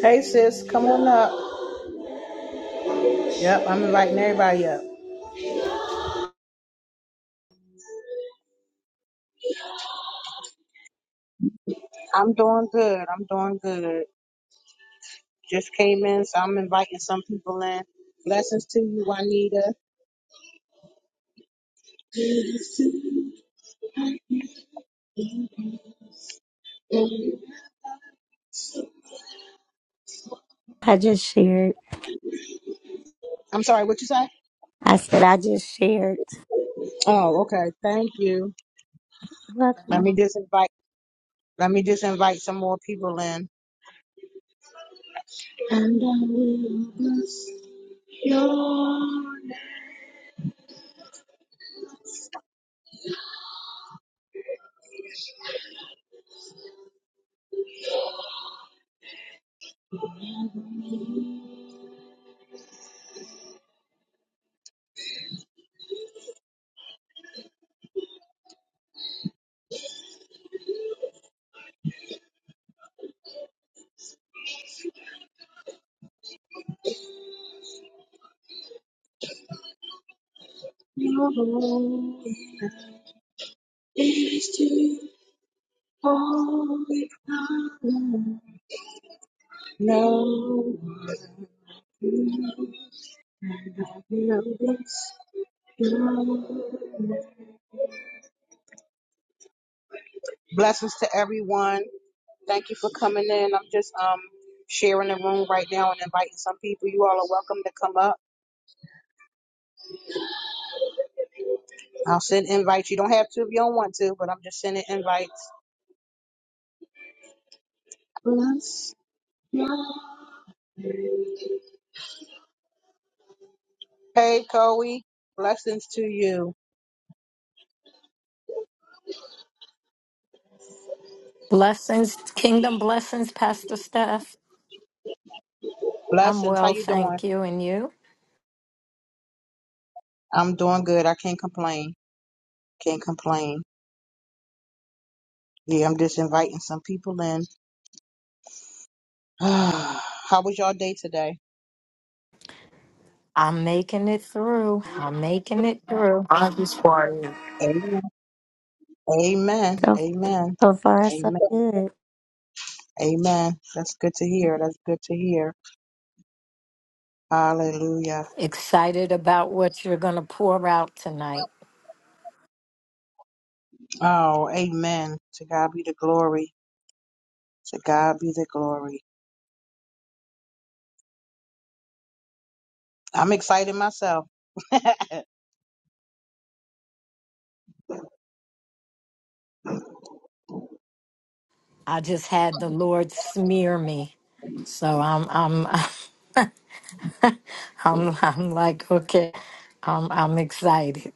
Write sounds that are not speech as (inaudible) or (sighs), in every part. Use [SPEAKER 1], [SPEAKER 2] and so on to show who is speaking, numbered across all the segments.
[SPEAKER 1] Hey sis, come on up. Yep, I'm inviting everybody up. I'm doing good. I'm doing good. Just came in, so I'm inviting some people in. Blessings to you, Juanita.
[SPEAKER 2] I just shared.
[SPEAKER 1] I'm sorry, what you say?
[SPEAKER 2] I said I just shared.
[SPEAKER 1] Oh, okay. Thank you. Let
[SPEAKER 2] Welcome.
[SPEAKER 1] me just invite let me just invite some more people in. No. Blessings to everyone. Thank you for coming in. I'm just um sharing the room right now and inviting some people. You all are welcome to come up. I'll send invites. You don't have to if you don't want to, but I'm just sending invites. Bless. Hey, Chloe. Blessings to you.
[SPEAKER 3] Blessings, kingdom blessings, Pastor Steph. I'm
[SPEAKER 1] Blessings. How
[SPEAKER 3] well,
[SPEAKER 1] you doing?
[SPEAKER 3] thank you. And you?
[SPEAKER 1] I'm doing good. I can't complain. Can't complain. Yeah, I'm just inviting some people in. (sighs) How was your day today?
[SPEAKER 3] I'm making it through. I'm making it through.
[SPEAKER 4] I just quiet.
[SPEAKER 1] Amen. Amen.
[SPEAKER 2] So,
[SPEAKER 1] Amen.
[SPEAKER 2] so far, so
[SPEAKER 1] Amen.
[SPEAKER 2] good.
[SPEAKER 1] Amen. That's good to hear. That's good to hear. Hallelujah.
[SPEAKER 3] Excited about what you're going to pour out tonight.
[SPEAKER 1] Oh, amen. To God be the glory. To God be the glory. I'm excited myself. (laughs)
[SPEAKER 3] I just had the Lord smear me. So I'm I'm (laughs) I'm I'm like, okay. I'm I'm excited.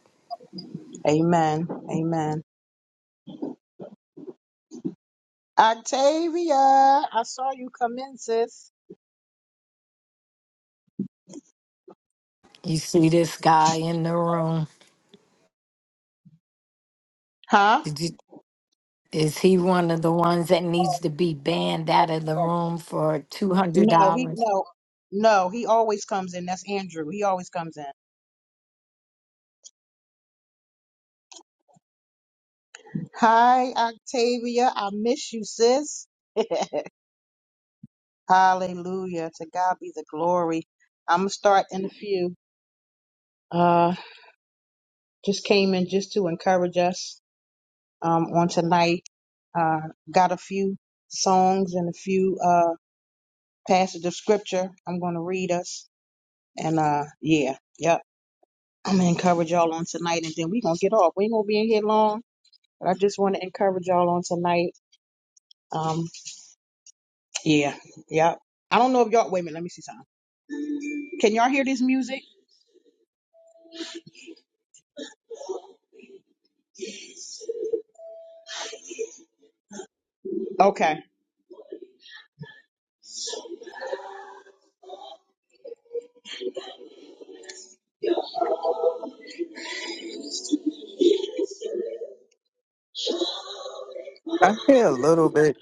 [SPEAKER 1] amen. Amen. Octavia, I saw you come in, sis.
[SPEAKER 3] You see this guy in the room.
[SPEAKER 1] Huh?
[SPEAKER 3] Did you, is he one of the ones that needs to be banned out of the room for
[SPEAKER 1] No, he
[SPEAKER 3] $200?
[SPEAKER 1] no. No, he always comes in. That's Andrew. He always comes in. Hi, Octavia. I miss you, sis. (laughs) Hallelujah. To God be the glory. I'm gonna start in a few. Uh just came in just to encourage us. um, on tonight. Uh, got a few songs and a few uh, passages of scripture I'm going to read us. And uh, yeah, yep. I'm going to encourage y'all on tonight and then we're going to get off. We ain't going to be in here long, but I just want to encourage y'all on tonight. Um, yeah, yep. I don't know if y'all, wait a minute, let me see something. Can y'all hear this music? Okay.
[SPEAKER 4] I hear a little bit.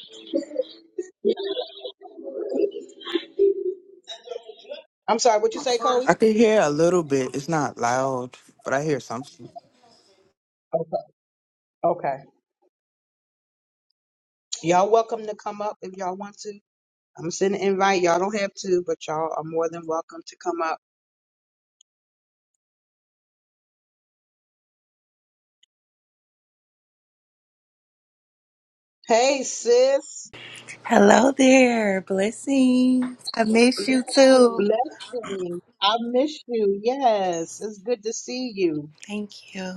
[SPEAKER 1] I'm sorry, what you say, Chloe?
[SPEAKER 4] I can hear a little bit. It's not loud, but I hear some.
[SPEAKER 1] Okay. Y'all welcome to come up if y'all want to. I'm sending an invite. Y'all don't have to, but y'all are more than welcome to come up. Hey, sis.
[SPEAKER 5] Hello there. Blessings. I miss you too.
[SPEAKER 1] Blessing. I miss you. Yes. It's good to see you.
[SPEAKER 5] Thank you.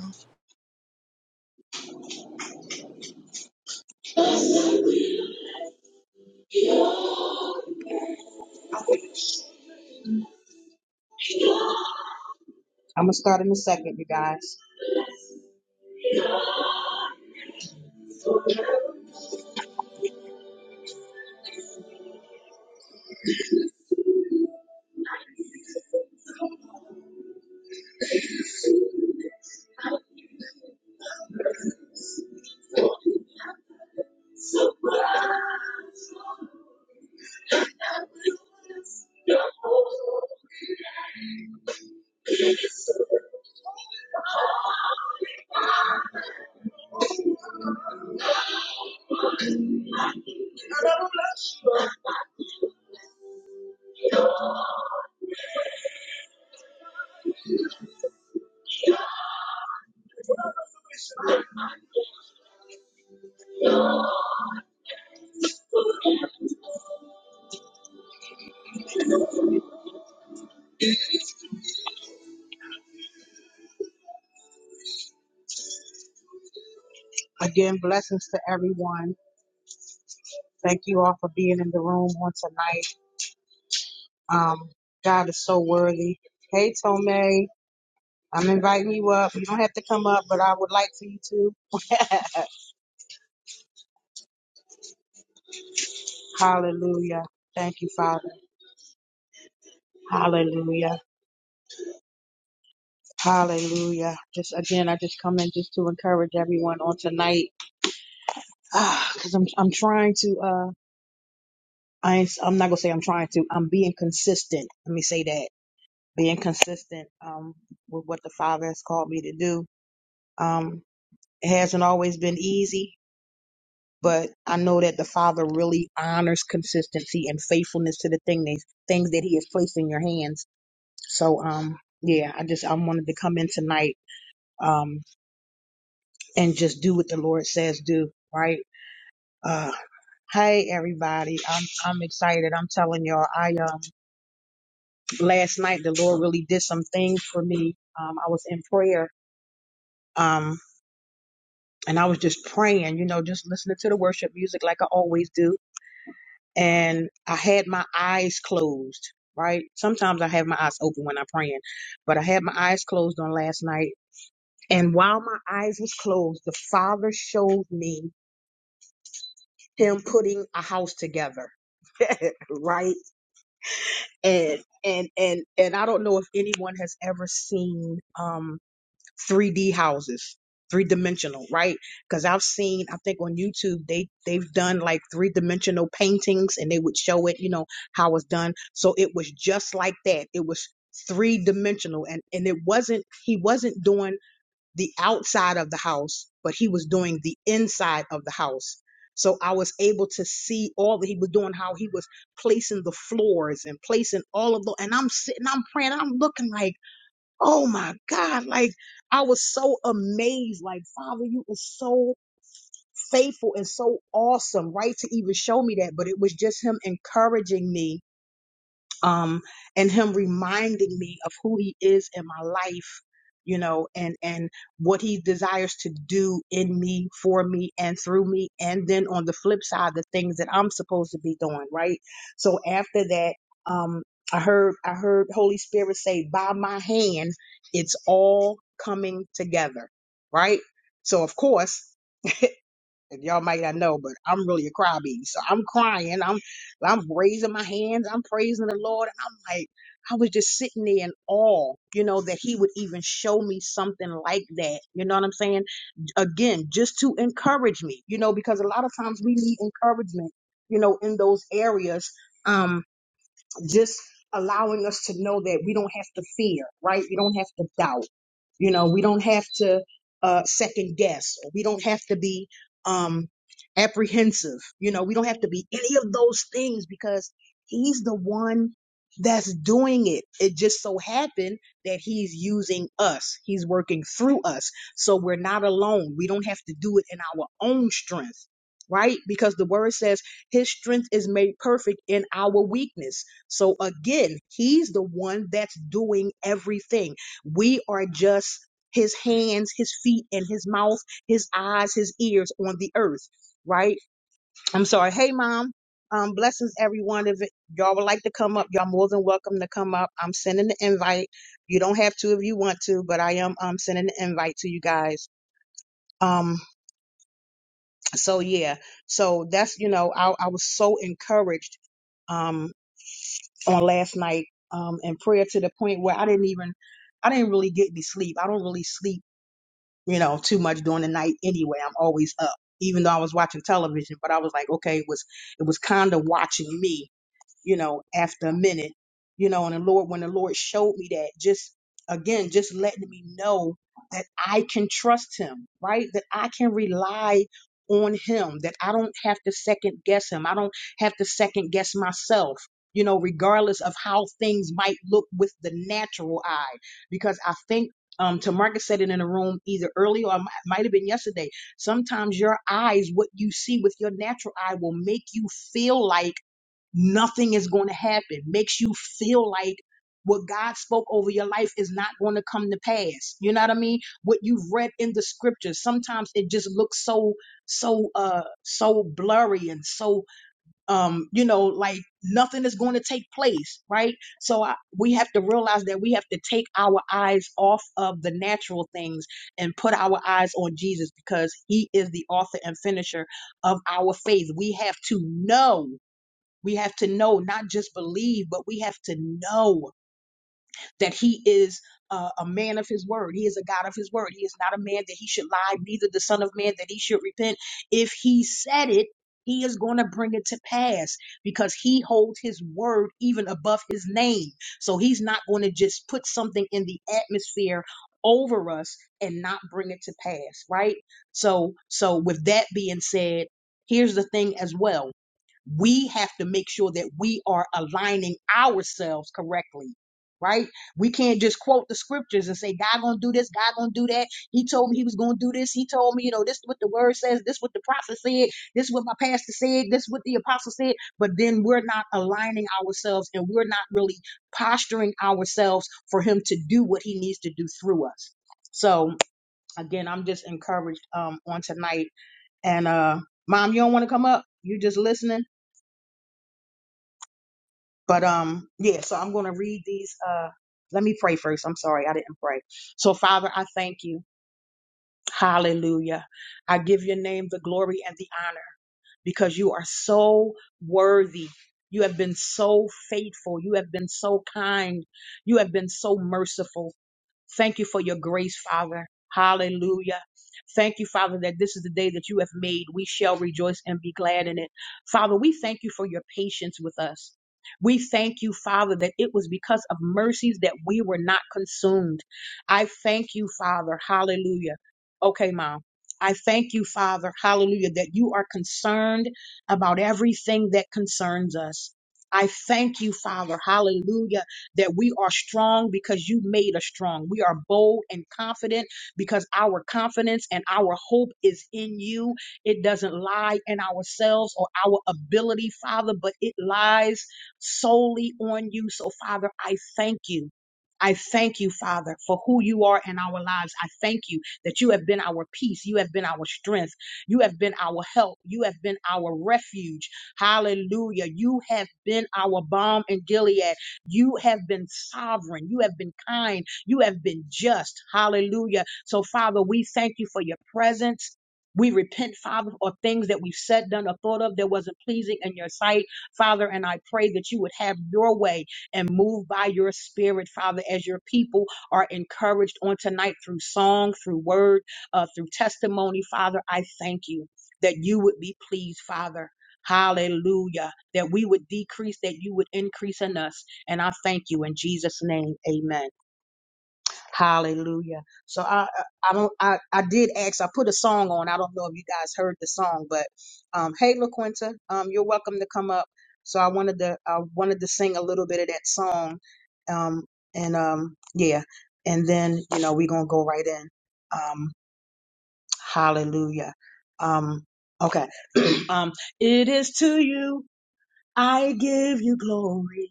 [SPEAKER 1] I'm going to start in a second, you guys. Again, blessings to everyone. Thank you all for being in the room on tonight. Um, God is so worthy. Hey, Tome. I'm inviting you up. You don't have to come up, but I would like for you to. (laughs) Hallelujah. Thank you, Father. Hallelujah. Hallelujah. Just again, I just come in just to encourage everyone on tonight. (sighs) Ah, cause I'm, I'm trying to, uh, I ain't, I'm not gonna say I'm trying to, I'm being consistent. Let me say that. Being consistent, um, with what the Father has called me to do. Um, it hasn't always been easy. but I know that the Father really honors consistency and faithfulness to the thing that, things that He has placed in your hands. So, um, yeah, I just I wanted to come in tonight, um, and just do what the Lord says do, right? Uh, hey everybody, I'm I'm excited. I'm telling y'all, I um last night the Lord really did some things for me. Um, I was in prayer, um, and I was just praying, you know, just listening to the worship music like I always do and I had my eyes closed, right? Sometimes I have my eyes open when I'm praying, but I had my eyes closed on last night. And while my eyes was closed, the father showed me him putting a house together, right? And and and and I don't know if anyone has ever seen um 3D houses, three dimensional, right? Because I've seen, I think on YouTube they they've done like three dimensional paintings, and they would show it, you know, how it's done. So it was just like that. It was three dimensional, and and it wasn't he wasn't doing the outside of the house, but he was doing the inside of the house. So I was able to see all that he was doing, how he was placing the floors and placing all of the, and I'm sitting, I'm praying, I'm looking like Oh my God. Like I was so amazed. Like, Father, you are so faithful and so awesome, right? To even show me that. But it was just him encouraging me um, and him reminding me of who he is in my life you know and and what he desires to do in me for me and through me and then on the flip side the things that i'm supposed to be doing right so after that um i heard i heard holy spirit say by my hand it's all coming together right so of course and y'all might not know, but I'm really a crybaby. So I'm crying. I'm I'm raising my hands. I'm praising the Lord. And I'm like, I was just sitting there in awe, you know, that he would even show me something like that. You know what I'm saying? Again, just to encourage me, you know, because a lot of times we need encouragement, you know, in those areas. Um just allowing us to know that we don't have to fear, right? We don't have to doubt. You know, we don't have to uh, second guess. Or we don't have to be um, apprehensive. You know, we don't have to be any of those things because He's the one that's doing it. It just so happened that He's using us, He's working through us. So we're not alone. We don't have to do it in our own strength, right? Because the Word says, His strength is made perfect in our weakness. So again, he's the one that's doing everything. We are just his hands, his feet, and his mouth, his eyes, his ears on the earth, right? I'm sorry. Hey, mom. Um, blessings, everyone. If y'all would like to come up, y'all more than welcome to come up. I'm sending the invite. You don't have to if you want to, but I am um sending the invite to you guys. Um, so yeah, so that's you know, I, I was so encouraged Um. on last night um, in prayer to the point where I didn't even, I didn't really get any sleep. I don't really sleep, you know, too much during the night anyway. I'm always up, even though I was watching television. But I was like, okay, it was it was kind of watching me you know, after a minute, you know, and the Lord, when the Lord showed me that, just again, just letting me know that I can trust Him, right? That I can rely on Him, that I don't have to second guess Him, I don't have to second guess myself. You know, regardless of how things might look with the natural eye, because I think um, Tamarcus said it in a room either early or it mi- might have been yesterday. Sometimes your eyes, what you see with your natural eye, will make you feel like nothing is going to happen. Makes you feel like what God spoke over your life is not going to come to pass. You know what I mean? What you've read in the scriptures. Sometimes it just looks so so uh so blurry and so um you know like nothing is going to take place, right? So I, we have to realize that we have to take our eyes off of the natural things and put our eyes on Jesus because he is the author and finisher of our faith. We have to know we have to know, not just believe, but we have to know that He is uh, a man of His word. He is a God of His word. He is not a man that He should lie, neither the Son of Man that He should repent. If He said it, He is going to bring it to pass because He holds His word even above His name. So He's not going to just put something in the atmosphere over us and not bring it to pass, right? So, so with that being said, here's the thing as well we have to make sure that we are aligning ourselves correctly right we can't just quote the scriptures and say god gonna do this god gonna do that he told me he was gonna do this he told me you know this is what the word says this is what the prophet said this is what my pastor said this is what the apostle said but then we're not aligning ourselves and we're not really posturing ourselves for him to do what he needs to do through us so again i'm just encouraged um on tonight and uh mom you don't want to come up you just listening But um, yeah, so I'm gonna read these. Uh, let me pray first. I'm sorry, I didn't pray. So Father, I thank you. Hallelujah. I give your name the glory and the honor because you are so worthy. You have been so faithful. You have been so kind. You have been so merciful. Thank you for your grace, Father. Hallelujah. Thank you, Father, that this is the day that you have made. We shall rejoice and be glad in it. Father, we thank you for your patience with us. We thank you, Father, that it was because of mercies that we were not consumed. I thank you, Father. Hallelujah. Okay, Mom. I thank you, Father. Hallelujah, that you are concerned about everything that concerns us. I thank you, Father. Hallelujah that we are strong because you made us strong. We are bold and confident because our confidence and our hope is in you. It doesn't lie in ourselves or our ability, Father, but it lies solely on you. So, Father, I thank you. I thank you, Father, for who you are in our lives. I thank you that you have been our peace. You have been our strength. You have been our help. You have been our refuge. Hallelujah. You have been our balm in Gilead. You have been sovereign. You have been kind. You have been just. Hallelujah. So, Father, we thank you for your presence. We repent, Father, for things that we've said, done, or thought of that wasn't pleasing in your sight, Father. And I pray that you would have your way and move by your spirit, Father, as your people are encouraged on tonight through song, through word, uh, through testimony, Father. I thank you that you would be pleased, Father. Hallelujah. That we would decrease, that you would increase in us. And I thank you in Jesus' name. Amen. Hallelujah. So I I don't I, I did ask, I put a song on. I don't know if you guys heard the song, but um hey LaQuinta, um you're welcome to come up. So I wanted to I wanted to sing a little bit of that song. Um and um yeah. And then, you know, we're gonna go right in. Um hallelujah. Um okay. (clears throat) um it is to you I give you glory.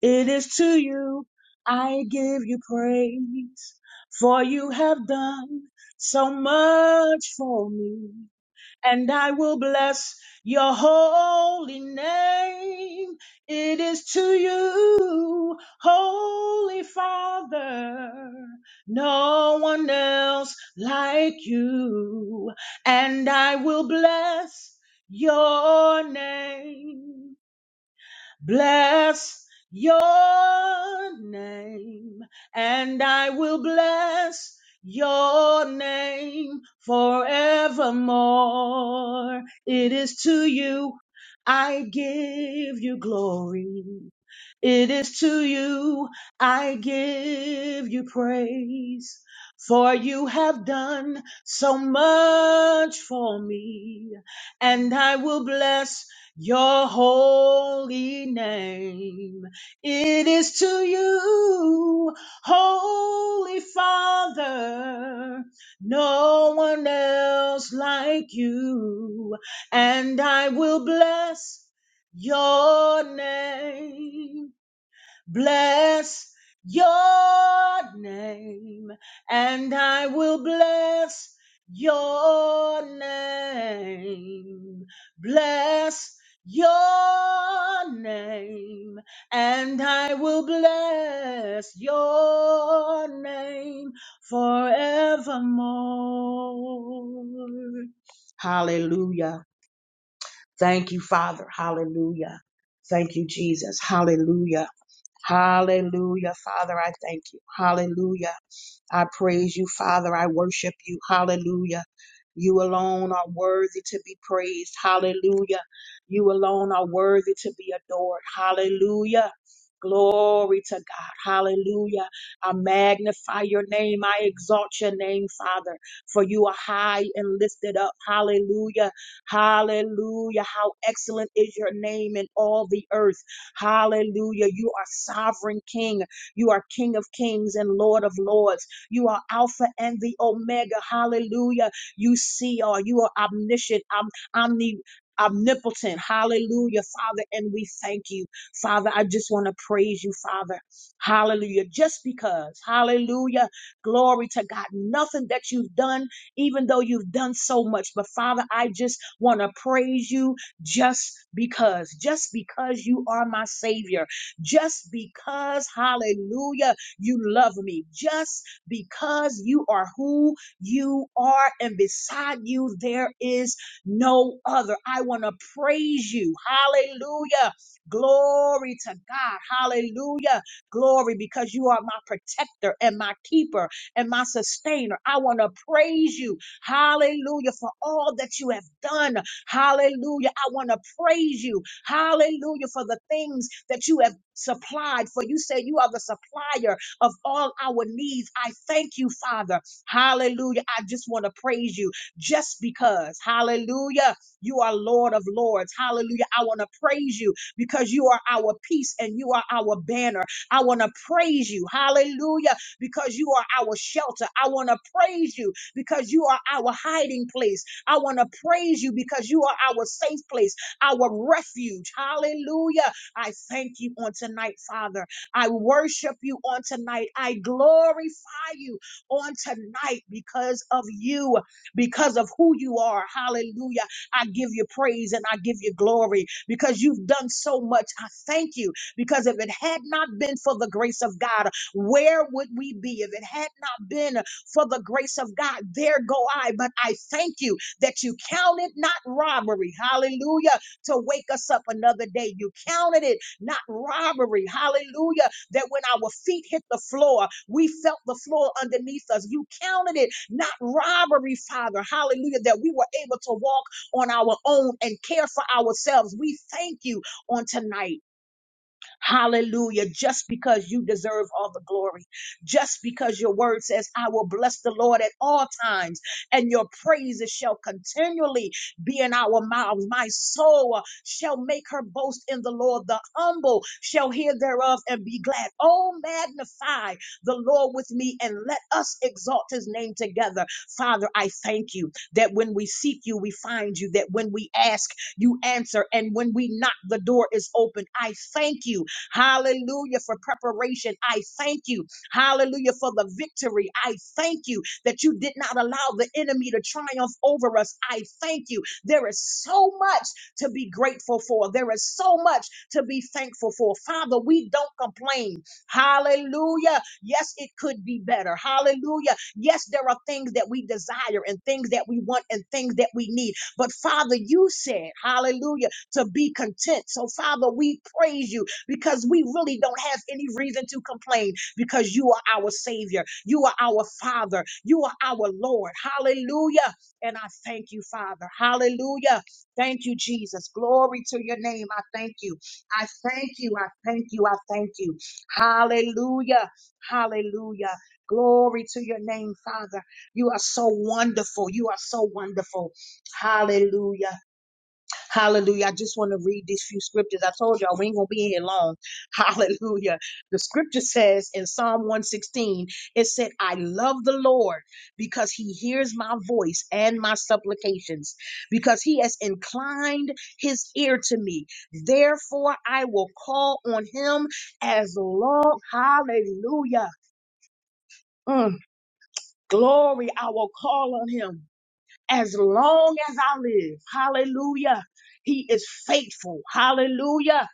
[SPEAKER 1] It is to you I give you praise, for you have done so much for me, and I will bless your holy name. It is to you, Holy Father, no one else like you, and I will bless your name. Bless your name, and I will bless your name forevermore. It is to you I give you glory. It is to you I give you praise, for you have done so much for me, and I will bless your holy name. It is to you, Holy Father, no one else like you, and I will bless your name bless your name, and I will bless your name. Bless your name, and I will bless your name forevermore. Hallelujah. Thank you, Father. Hallelujah. Thank you, Jesus. Hallelujah. Hallelujah. Father, I thank you. Hallelujah. I praise you, Father. I worship you. Hallelujah. You alone are worthy to be praised. Hallelujah. You alone are worthy to be adored. Hallelujah. Glory to God. Hallelujah. I magnify your name. I exalt your name, Father, for you are high and lifted up. Hallelujah. Hallelujah. How excellent is your name in all the earth. Hallelujah. You are sovereign King. You are King of kings and Lord of lords. You are Alpha and the Omega. Hallelujah. You see all. You are omniscient, om- omni, omnipotent. Hallelujah, Father. And we thank you, Father. I just want to praise you, Father. Hallelujah. Just because. Hallelujah. Glory to God. Nothing that you've done, even though you've done so much. But Father, I just want to praise you just because. Just because you are my Savior. Just because. Hallelujah. You love me. Just because you are who you are, and beside you there is no other. I want to praise you. Hallelujah. Glory to God. Hallelujah. Glory because you are my protector and my keeper and my sustainer. I want to praise you. Hallelujah for all that you have done. Hallelujah. I want to praise you. Hallelujah for the things that you have supplied. For you say you are the supplier of all our needs. I thank you, Father. Hallelujah. I just want to praise you just because. Hallelujah. You are Lord of Lords. Hallelujah. I want to praise you because you are our peace and you are our banner. I want to praise you. Hallelujah. Because you are our shelter. I want to praise you because you are our hiding place. I want to praise you because you are our safe place, our refuge. Hallelujah. I thank you on tonight, Father. I worship you on tonight. I glorify you on tonight because of you, because of who you are. Hallelujah. I give you praise and I give you glory because you've done so much. I thank you because if it had not been for the grace of God, where would we be? If it had not been for the grace of God, there go I. But I thank you that you counted not robbery, hallelujah, to wake us up another day. You counted it not robbery. Hallelujah. That when our feet hit the floor, we felt the floor underneath us. You counted it not robbery, Father. Hallelujah. That we were able to walk on our own and care for ourselves. We thank you on tonight. Hallelujah. Just because you deserve all the glory, just because your word says, I will bless the Lord at all times, and your praises shall continually be in our mouths. My soul shall make her boast in the Lord. The humble shall hear thereof and be glad. Oh, magnify the Lord with me and let us exalt his name together. Father, I thank you that when we seek you, we find you, that when we ask, you answer, and when we knock, the door is open. I thank you Hallelujah for preparation. I thank you. Hallelujah for the victory. I thank you that you did not allow the enemy to triumph over us. I thank you. There is so much to be grateful for. There is so much to be thankful for. Father, we don't complain. Hallelujah. Yes, it could be better. Hallelujah. Yes, there are things that we desire and things that we want and things that we need. But Father, you said, hallelujah, to be content. So Father, we praise you because we really don't have any reason to complain because you are our Savior. You are our Father. You are our Lord. Hallelujah. And I thank you, Father. Hallelujah. Thank you, Jesus. Glory to your name. I thank you. I thank you. I thank you. I thank you. Hallelujah. Hallelujah. Glory to your name, Father. You are so wonderful. You are so wonderful. Hallelujah. Hallelujah. I just want to read these few scriptures. I told y'all we ain't going to be in here long. (laughs) Hallelujah. The scripture says in Psalm 116, it said, I love the Lord because he hears my voice and my supplications, because he has inclined his ear to me. Therefore, I will call on him as long. Hallelujah. Mm, glory. I will call on him as long as I live. Hallelujah. He is faithful. Hallelujah.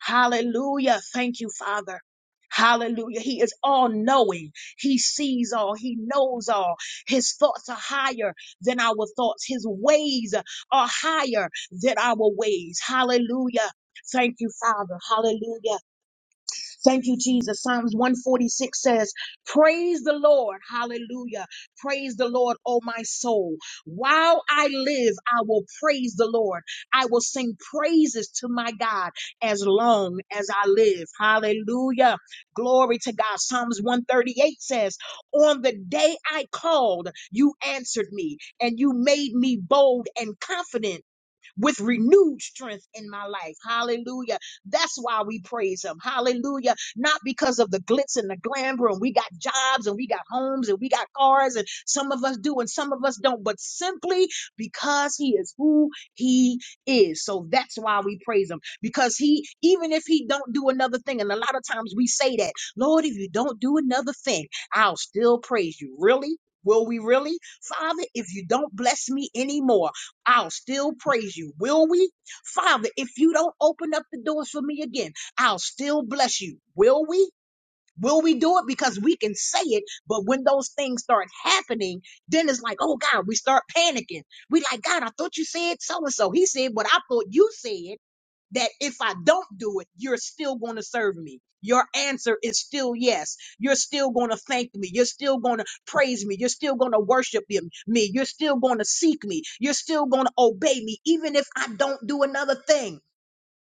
[SPEAKER 1] Hallelujah. Thank you, Father. Hallelujah. He is all knowing. He sees all. He knows all. His thoughts are higher than our thoughts. His ways are higher than our ways. Hallelujah. Thank you, Father. Hallelujah. Thank you, Jesus. Psalms 146 says, Praise the Lord. Hallelujah. Praise the Lord, O my soul. While I live, I will praise the Lord. I will sing praises to my God as long as I live. Hallelujah. Glory to God. Psalms 138 says, On the day I called, you answered me and you made me bold and confident with renewed strength in my life. Hallelujah. That's why we praise him. Hallelujah. Not because of the glitz and the glamour and we got jobs and we got homes and we got cars and some of us do and some of us don't, but simply because he is who he is. So that's why we praise him because he, even if he don't do another thing, and a lot of times we say that, Lord, if you don't do another thing, I'll still praise you. Really? Will we really? Father, if you don't bless me anymore, I'll still praise you. Will we? Father, if you don't open up the doors for me again, I'll still bless you. Will we? Will we do it? Because we can say it, but when those things start happening, then it's like, oh God, we start panicking. We like, God, I thought you said so and so. He said what I thought you said that if I don't do it, you're still going to serve me. Your answer is still yes. You're still going to thank me. You're still going to praise me. You're still going to worship him- me. You're still going to seek me. You're still going to obey me, even if I don't do another thing.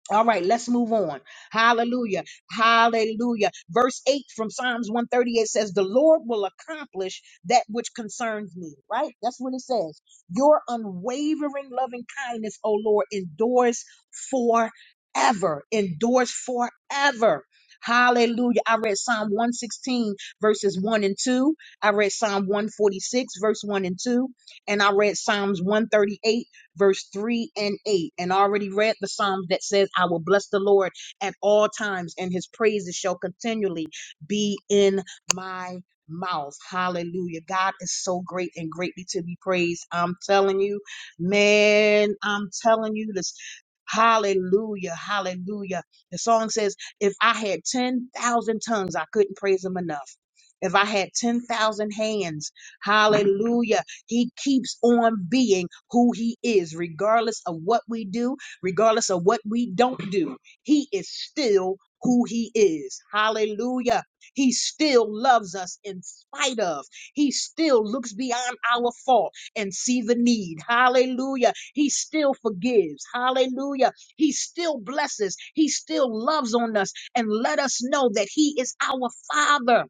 [SPEAKER 1] All right, let's move on. Hallelujah. Hallelujah. Verse 8 from Psalms 138 says, The Lord will accomplish that which concerns me. Right? That's what it says. Your unwavering loving kindness, O Lord, endures forever. Endures forever. Hallelujah. I read Psalm 116, verses 1 and 2. I read Psalm 146, verse 1 and 2. And I read Psalms 138 verse 3 and 8, and I already read the Psalms that says, I will bless the Lord at all times, and his praises shall continually be in my mouth. Hallelujah. God is so great and greatly to be praised. I'm telling you, man, I'm telling you this. Hallelujah. Hallelujah. The song says, If I had 10,000 tongues, I couldn't praise him enough. If I had 10,000 hands, hallelujah. He keeps on being who He is, regardless of what we do, regardless of what we don't do. He is still who He is. Hallelujah. He still loves us in spite of. He still looks beyond our fault and see the need. Hallelujah. He still forgives. Hallelujah. He still blesses. He still loves on us and let us know that He is our Father.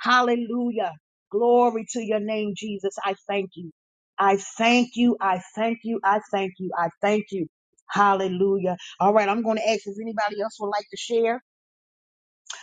[SPEAKER 1] Hallelujah. Glory to your name, Jesus. I thank you. I thank you. I thank you. I thank you. I thank you. Hallelujah. All right. I'm going to ask if anybody else would like to share.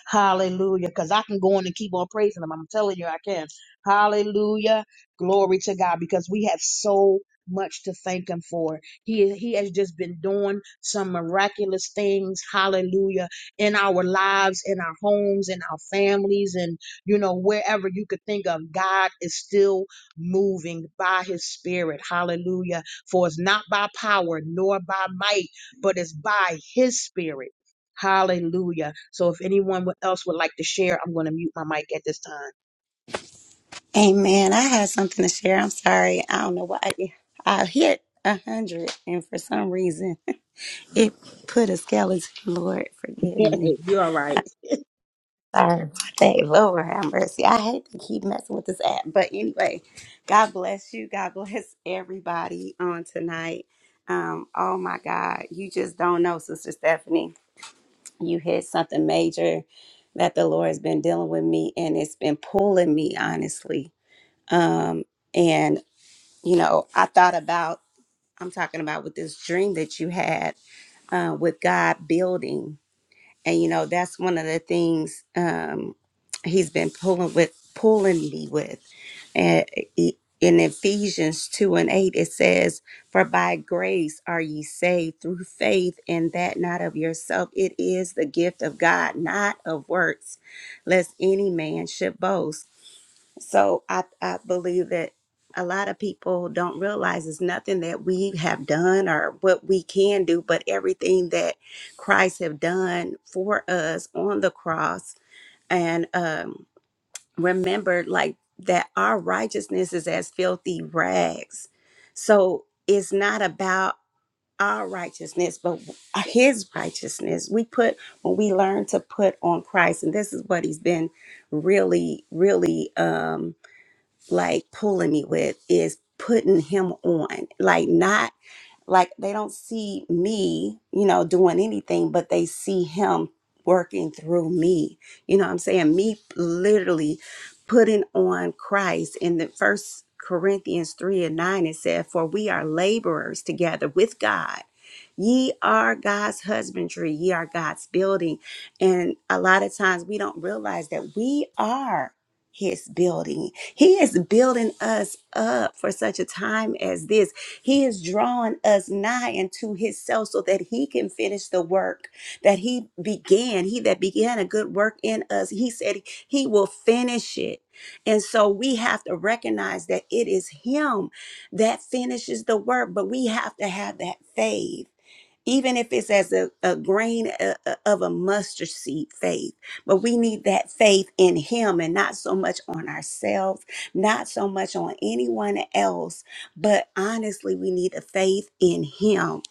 [SPEAKER 1] Hallelujah. Because I can go on and keep on praising him. I'm telling you, I can. Hallelujah. Glory to God. Because we have so much to thank him for. He he has just been doing some miraculous things, hallelujah, in our lives, in our homes, in our families, and you know, wherever you could think of, God is still moving by his spirit. Hallelujah. For it's not by power nor by might, but it's by his spirit. Hallelujah. So if anyone else would like to share, I'm going to mute my mic at this time.
[SPEAKER 2] Amen. I had something to share. I'm sorry. I don't know why. I hit a hundred, and for some reason, (laughs) it put a skeleton. Lord,
[SPEAKER 1] (laughs)
[SPEAKER 2] forgive me.
[SPEAKER 1] You're all right.
[SPEAKER 2] Sorry about that. Lord, have mercy. I hate to keep messing with this app, but anyway, God bless you. God bless everybody on tonight. Um, oh my God, you just don't know, Sister Stephanie. you hit something major that the Lord has been dealing with me and it's been pulling me honestly. Um and you know, I thought about I'm talking about with this dream that you had uh with God building and you know that's one of the things um he's been pulling with pulling me with and e- in ephesians 2 and 8 it says for by grace are ye saved through faith and that not of yourself it is the gift of god not of works lest any man should boast so I, I believe that a lot of people don't realize it's nothing that we have done or what we can do, but everything that Christ have done for us on the cross. And um, remember, like that, our righteousness is as filthy rags. So it's not about our righteousness, but His righteousness. We put when we learn to put on Christ, and this is what He's been really, really. Um, like pulling me with is putting him on, like not like they don't see me, you know, doing anything, but they see him working through me. You know what I'm saying? Me literally putting on Christ in the first Corinthians 3 and 9, it said, For we are laborers together with God. Ye are God's husbandry, ye are God's building. And a lot of times we don't realize that we are his building. He is building us up for such a time as this he is drawing us nigh unto Himself so that He can finish the work that He began. He that began a good work in us, He said He will finish it. And so we have to recognize that it is Him that finishes the work, but we have to have that faith even if it's as a, a grain o- o- of a mustard seed faith. But we need that faith in Him and not so much on ourselves, not so much on anyone else, but honestly, we need a faith in Him.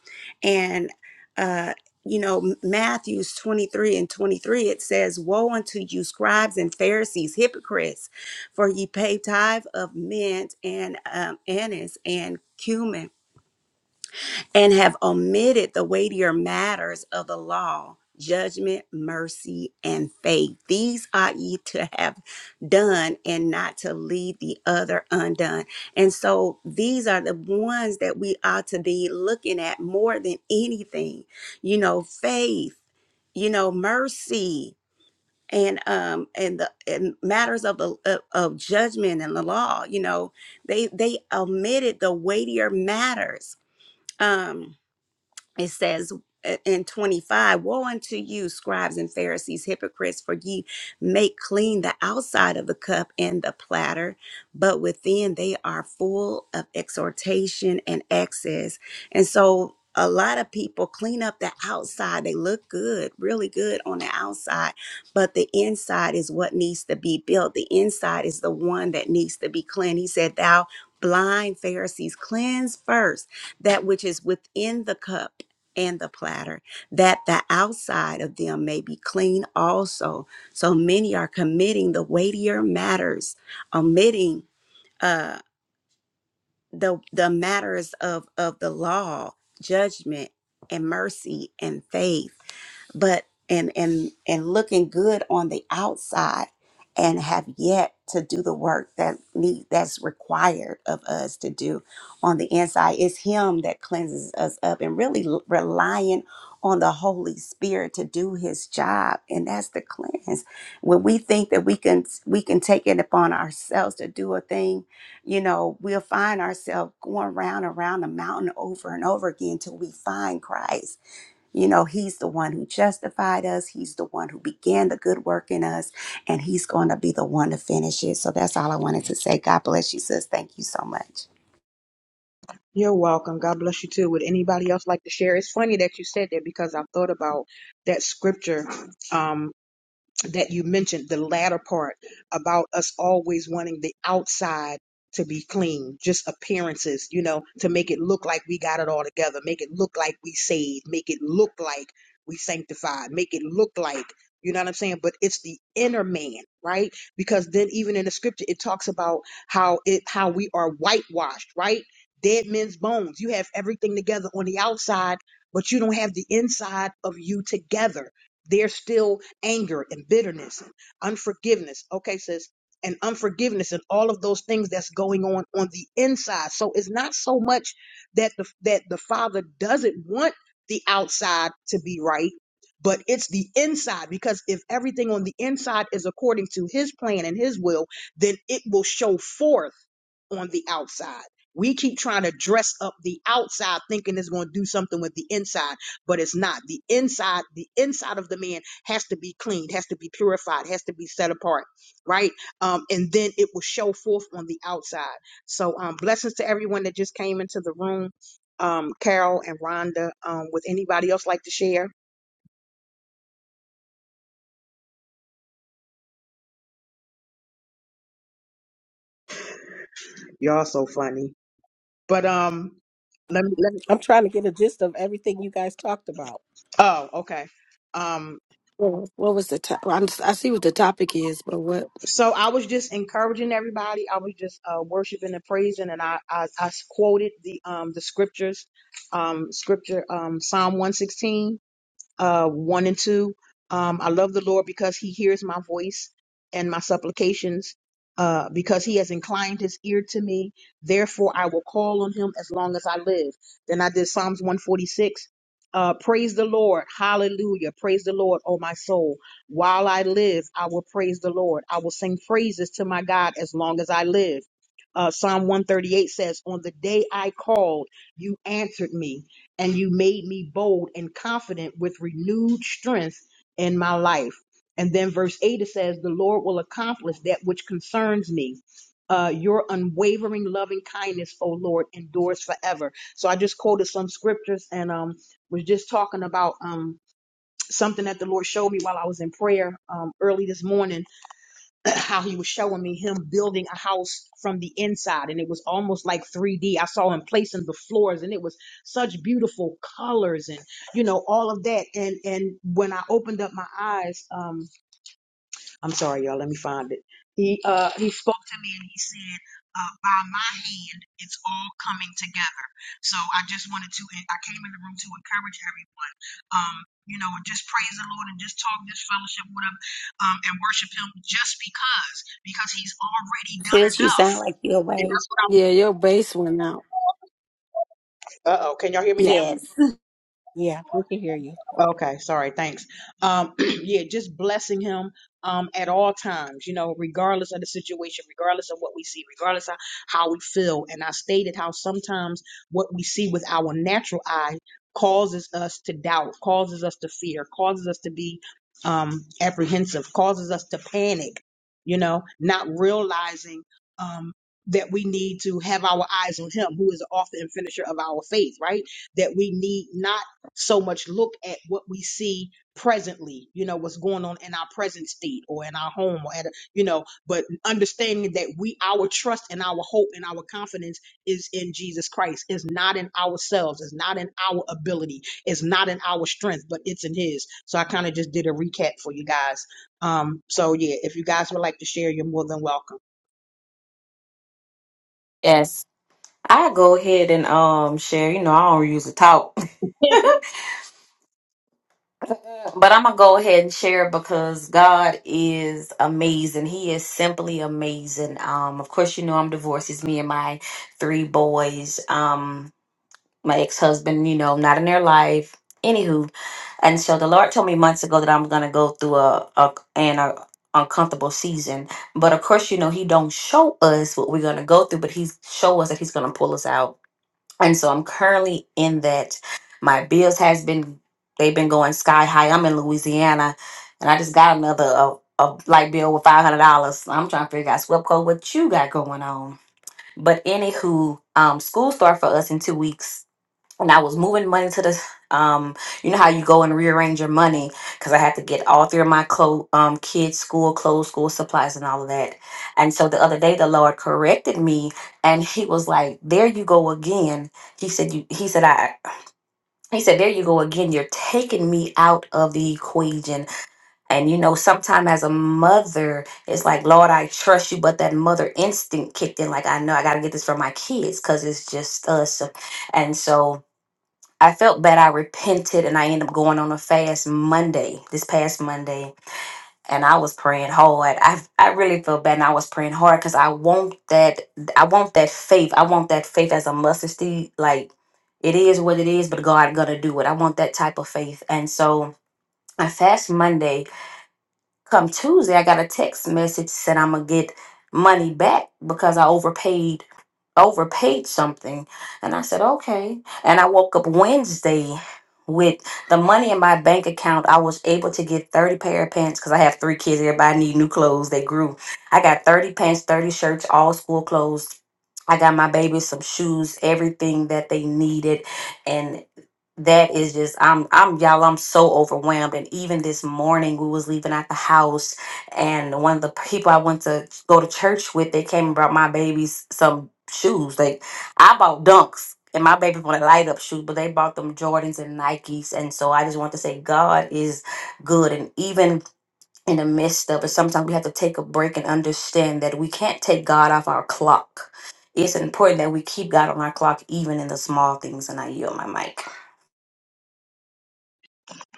[SPEAKER 2] And, uh, you know, Matthew's 23 and 23, it says, Woe unto you, scribes and Pharisees, hypocrites, for ye pay tithe of mint and um, anise and cumin and have omitted the weightier matters of the law judgment, mercy, and faith. These ought ye to have done and not to leave the other undone. And so these are the ones that we ought to be looking at more than anything. You know, faith, you know, mercy and um and the and matters of the of, of judgment and the law you know they they omitted the weightier matters um it says uh, in 25 woe unto you scribes and pharisees hypocrites for ye make clean the outside of the cup and the platter but within they are full of exhortation and excess and so a lot of people clean up the outside they look good really good on the outside but the inside is what needs to be built the inside is the one that needs to be cleaned he said thou blind pharisees cleanse first that which is within the cup and the platter, that the outside of them may be clean also. So many are committing the weightier matters, omitting uh, the the matters of of the law, judgment, and mercy and faith but and and and looking good on the outside and have yet to do the work that need that's required of us to do on the inside it's him that cleanses us up and really l- relying on the holy spirit to do his job and that's the cleanse when we think that we can we can take it upon ourselves to do a thing you know we'll find ourselves going round and round the mountain over and over again till we find christ you know, He's the one who justified us, He's the one who began the good work in us, and He's going to be the one to finish it. So that's all I wanted to say. God bless you, sis. Thank you so much.
[SPEAKER 1] You're welcome. God bless you too. Would anybody else like to share? It's funny that you said that because I thought about that scripture Um, that you mentioned, the latter part about us always wanting the outside to be clean, just appearances, you know, to make it look like we got it all together, make it look like we saved, make it look like we sanctified, make it look like, you know what I'm saying? But it's the inner man, right? Because then even in the scripture, it talks about how it, how we are whitewashed, right? Dead men's bones. You have everything together on the outside, but you don't have the inside of you together. There's still anger and bitterness and unforgiveness. Okay, sis. And unforgiveness and all of those things that's going on on the inside. So it's not so much that the that the father doesn't want the outside to be right, but it's the inside because if everything on the inside is according to his plan and his will, then it will show forth on the outside. We keep trying to dress up the outside thinking it's going to do something with the inside, but it's not. The inside, the inside of the man has to be cleaned, has to be purified, has to be set apart, right? Um, and then it will show forth on the outside. So, um, blessings to everyone that just came into the room. Um, Carol and Rhonda, um, would anybody else like to share? Y'all so funny. But um, let me let me.
[SPEAKER 6] I'm trying to get a gist of everything you guys talked about.
[SPEAKER 1] Oh, okay. Um,
[SPEAKER 7] What what was the top? I'm just, see what the topic is, but what?
[SPEAKER 1] So I was just encouraging everybody. I was just uh, worshiping and praising, and I, I I quoted the um the scriptures, um scripture um Psalm 116 uh, 1 and 2. Um, I love the Lord because he hears my voice and my supplications, uh, because he has inclined his ear to me. Therefore, I will call on him as long as I live. Then I did Psalms 146. Uh, praise the Lord. Hallelujah. Praise the Lord, O my soul. While I live, I will praise the Lord. I will sing praises to my God as long as I live. Uh, Psalm 138 says, On the day I called, you answered me and you made me bold and confident with renewed strength in my life. And then verse 8 it says, The Lord will accomplish that which concerns me. Uh, your unwavering loving kindness, O Lord, endures forever. So I just quoted some scriptures and um was just talking about um something that the Lord showed me while I was in prayer um early this morning (clears throat) how he was showing me him building a house from the inside and it was almost like 3D. I saw him placing the floors and it was such beautiful colors and you know all of that and and when I opened up my eyes um. I'm sorry, y'all. Let me find it. He uh he spoke to me and he said, uh, "By my hand, it's all coming together." So I just wanted to. I came in the room to encourage everyone. Um, you know, just praise the Lord and just talk this fellowship with Him, um, and worship Him just because because He's already done
[SPEAKER 2] Sis, you
[SPEAKER 1] enough.
[SPEAKER 2] sound like you're
[SPEAKER 1] And
[SPEAKER 2] away.
[SPEAKER 1] that's what I'm.
[SPEAKER 7] Yeah, your base went out.
[SPEAKER 1] Uh oh. Can y'all hear me now?
[SPEAKER 7] Yeah,
[SPEAKER 2] Yes.
[SPEAKER 6] Yeah, we can hear you.
[SPEAKER 1] Okay, sorry, thanks. Um, (clears throat) yeah, just blessing him um at all times, you know, regardless of the situation, regardless of what we see, regardless of how we feel. And I stated how sometimes what we see with our natural eye causes us to doubt, causes us to fear, causes us to be um apprehensive, causes us to panic, you know, not realizing um that we need to have our eyes on him, who is the author and finisher of our faith, right? That we need not so much look at what we see presently you know what's going on in our present state or in our home or at a, you know but understanding that we our trust and our hope and our confidence is in jesus christ it's not in ourselves it's not in our ability it's not in our strength but it's in his so i kind of just did a recap for you guys um so yeah if you guys would like to share you're more than welcome
[SPEAKER 8] Yes, I go ahead and um share. You know, I don't usually talk, (laughs) but I'm gonna go ahead and share because God is amazing. He is simply amazing. Um, of course, you know I'm divorced. It's me and my three boys. Um, my ex husband. You know, not in their life. Anywho, and so the Lord told me months ago that I'm gonna go through a, a an a uncomfortable season. But of course, you know He don't show us what we're gonna go through, but He show us that He's gonna pull us out. and so i'm currently in that my bills has been they've been going sky high i'm in louisiana and i just got another uh, a light bill with $500 i'm trying to figure out swepco what you got going on but anywho um school start for us in two weeks and I was moving money to the um you know how you go and rearrange your money because I had to get all three of my clo- um kids school clothes school supplies and all of that and so the other day the Lord corrected me and he was like there you go again he said you he said I he said there you go again you're taking me out of the equation and you know sometime as a mother it's like Lord I trust you but that mother instinct kicked in like I know I got to get this for my kids because it's just us and so I felt bad. I repented and I ended up going on a fast Monday, this past Monday. And I was praying hard. I I really felt bad and I was praying hard because I want that I want that faith. I want that faith as a mustard seed. Like it is what it is, but God gonna do it. I want that type of faith. And so I fast Monday Come Tuesday, I got a text message said I'm gonna get money back because I overpaid overpaid something. And I said, okay. And I woke up Wednesday with the money in my bank account. I was able to get 30 pair of pants because I have three kids. Everybody need new clothes. They grew. I got 30 pants, 30 shirts, all school clothes. I got my babies some shoes, everything that they needed. and that is just i'm i'm y'all i'm so overwhelmed and even this morning we was leaving at the house and one of the people i went to ch- go to church with they came and brought my babies some shoes like i bought dunks and my baby wanted light up shoes but they bought them jordans and nikes and so i just want to say god is good and even in the midst of it sometimes we have to take a break and understand that we can't take god off our clock it's important that we keep god on our clock even in the small things and i yield my mic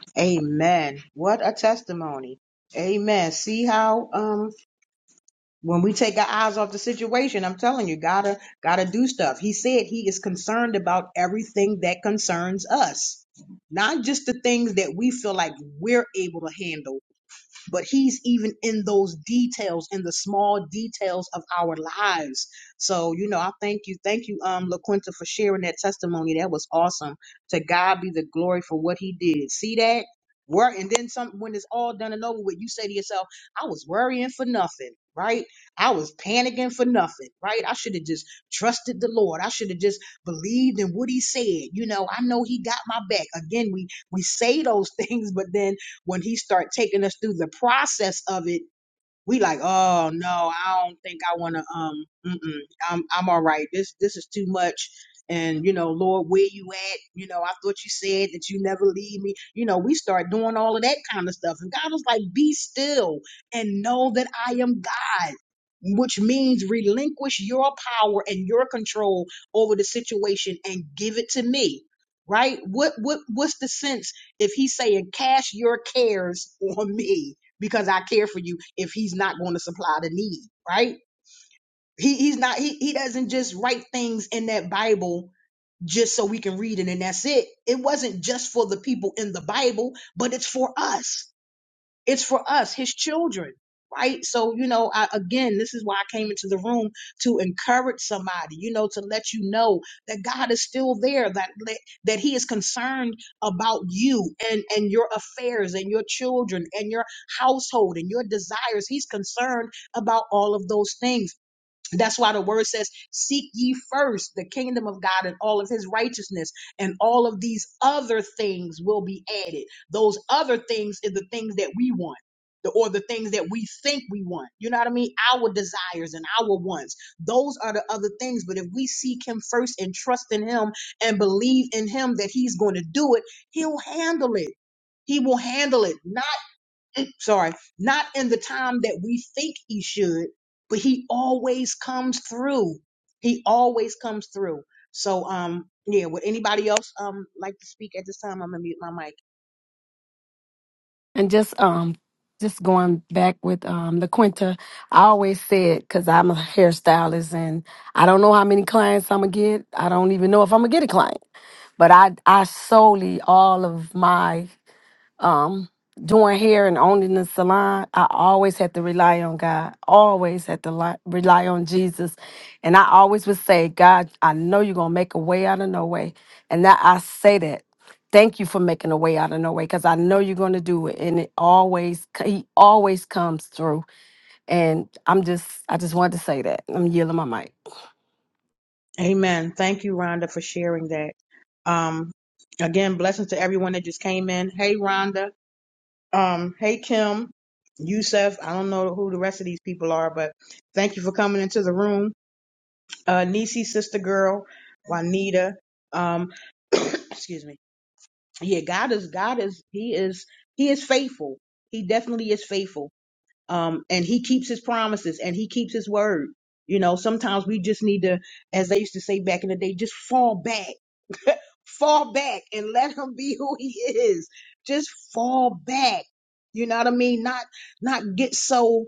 [SPEAKER 1] (laughs) amen what a testimony amen see how um when we take our eyes off the situation, I'm telling you, gotta gotta do stuff. He said he is concerned about everything that concerns us, not just the things that we feel like we're able to handle but he's even in those details, in the small details of our lives. So, you know, I thank you. Thank you, um, LaQuinta, for sharing that testimony. That was awesome. To God be the glory for what he did. See that? Work and then some when it's all done and over with, you say to yourself, I was worrying for nothing, right? I was panicking for nothing, right? I should have just trusted the Lord. I should have just believed in what he said. You know, I know he got my back. Again, we we say those (laughs) things, but then when he start taking us through the process of it we like, oh no, I don't think I want to. Um, mm-mm, I'm I'm all right. This this is too much. And you know, Lord, where you at? You know, I thought you said that you never leave me. You know, we start doing all of that kind of stuff, and God was like, be still and know that I am God. Which means relinquish your power and your control over the situation and give it to me, right? What what what's the sense if he's saying cast your cares (laughs) on me? because I care for you if he's not going to supply the need, right? He he's not he he doesn't just write things in that Bible just so we can read it and that's it. It wasn't just for the people in the Bible, but it's for us it's for us, his children, right? So, you know, I, again, this is why I came into the room to encourage somebody, you know, to let you know that God is still there, that that that he is concerned about you and and your affairs and your children and your household and your desires. He's concerned about all of those things. That's why the word says, Seek ye first the kingdom of God and all of his righteousness, and all of these other things will be added. Those other things are the things that we want. the- Or the things that we think we want. You know what I mean? Our desires and our wants. Those are the other things. But if we seek Him first and trust in Him and believe in Him that He's going to do it, He'll handle it. He will handle it. Not sorry, not in the time that we think he should, but he always comes through. He always comes through. So, um, yeah, would anybody else um like to speak at this time? I'm gonna mute my mic.
[SPEAKER 7] and just um, just going back with um LaQuinta. I always said because I'm a hairstylist and I don't know how many clients I'm gonna get. I don't even know if I'm gonna get a client, but I I solely all of my um doing hair and owning the salon i always had to rely on god always had to li- rely on jesus and i always would say god i know you're gonna make a way out of no way and that i say that thank you for making a way out of no way because i know you're gonna do it and it always c- he always comes through and i'm just i just wanted to say that i'm yielding my mic
[SPEAKER 1] Amen. Thank you, Rhonda, for sharing that. Um, again, blessings to everyone that just came in. Hey, Rhonda. Um, hey, Kim. Yusef. I don't know who the rest of these people are, but thank you for coming into the room. Uh, Nisi, sister girl, Juanita. Um, excuse me. yeah, God is God is He is He is faithful. He definitely is faithful. Um, and He keeps His promises and He keeps His word. You know, sometimes we just need to, as they used to say back in the day, just fall back, fall back, and (laughs) let Him be who He is. Just fall back. You know what I mean? Not not get so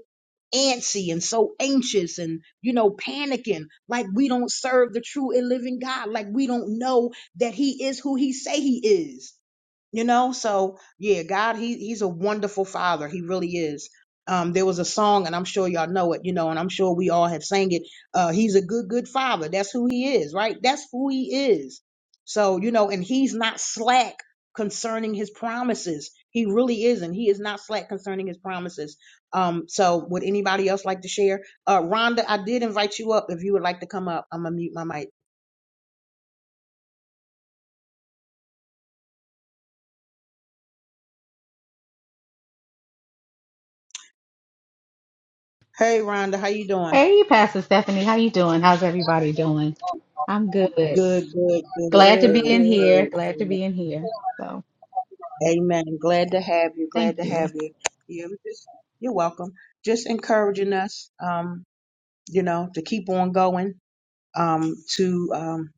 [SPEAKER 1] antsy and so anxious and you know panicking like we don't serve the true and living God like we don't know that he is who he say he is you know so yeah god he he's a wonderful father he really is um there was a song and i'm sure y'all know it you know and i'm sure we all have sang it uh he's a good good father that's who he is right that's who he is so you know and he's not slack concerning his promises he really isn't he is not slack concerning his promises um so would anybody else like to share uh rhonda i did invite you up if you would like to come up i'm gonna mute my mic hey rhonda how you doing
[SPEAKER 9] Hey, Pastor Stephanie, how you doing? How's everybody doing? I'm good.
[SPEAKER 1] good good good
[SPEAKER 9] Glad to
[SPEAKER 6] Good,
[SPEAKER 9] be
[SPEAKER 1] good
[SPEAKER 9] in
[SPEAKER 6] good.
[SPEAKER 9] here.
[SPEAKER 1] good,
[SPEAKER 9] Glad to
[SPEAKER 1] good.
[SPEAKER 9] be in here. So,
[SPEAKER 1] Amen. Glad to have you.
[SPEAKER 9] thank
[SPEAKER 1] Glad to have
[SPEAKER 9] you.
[SPEAKER 1] you. You're, just, you're welcome. Just encouraging us, um, you know, to keep on going, um, to um,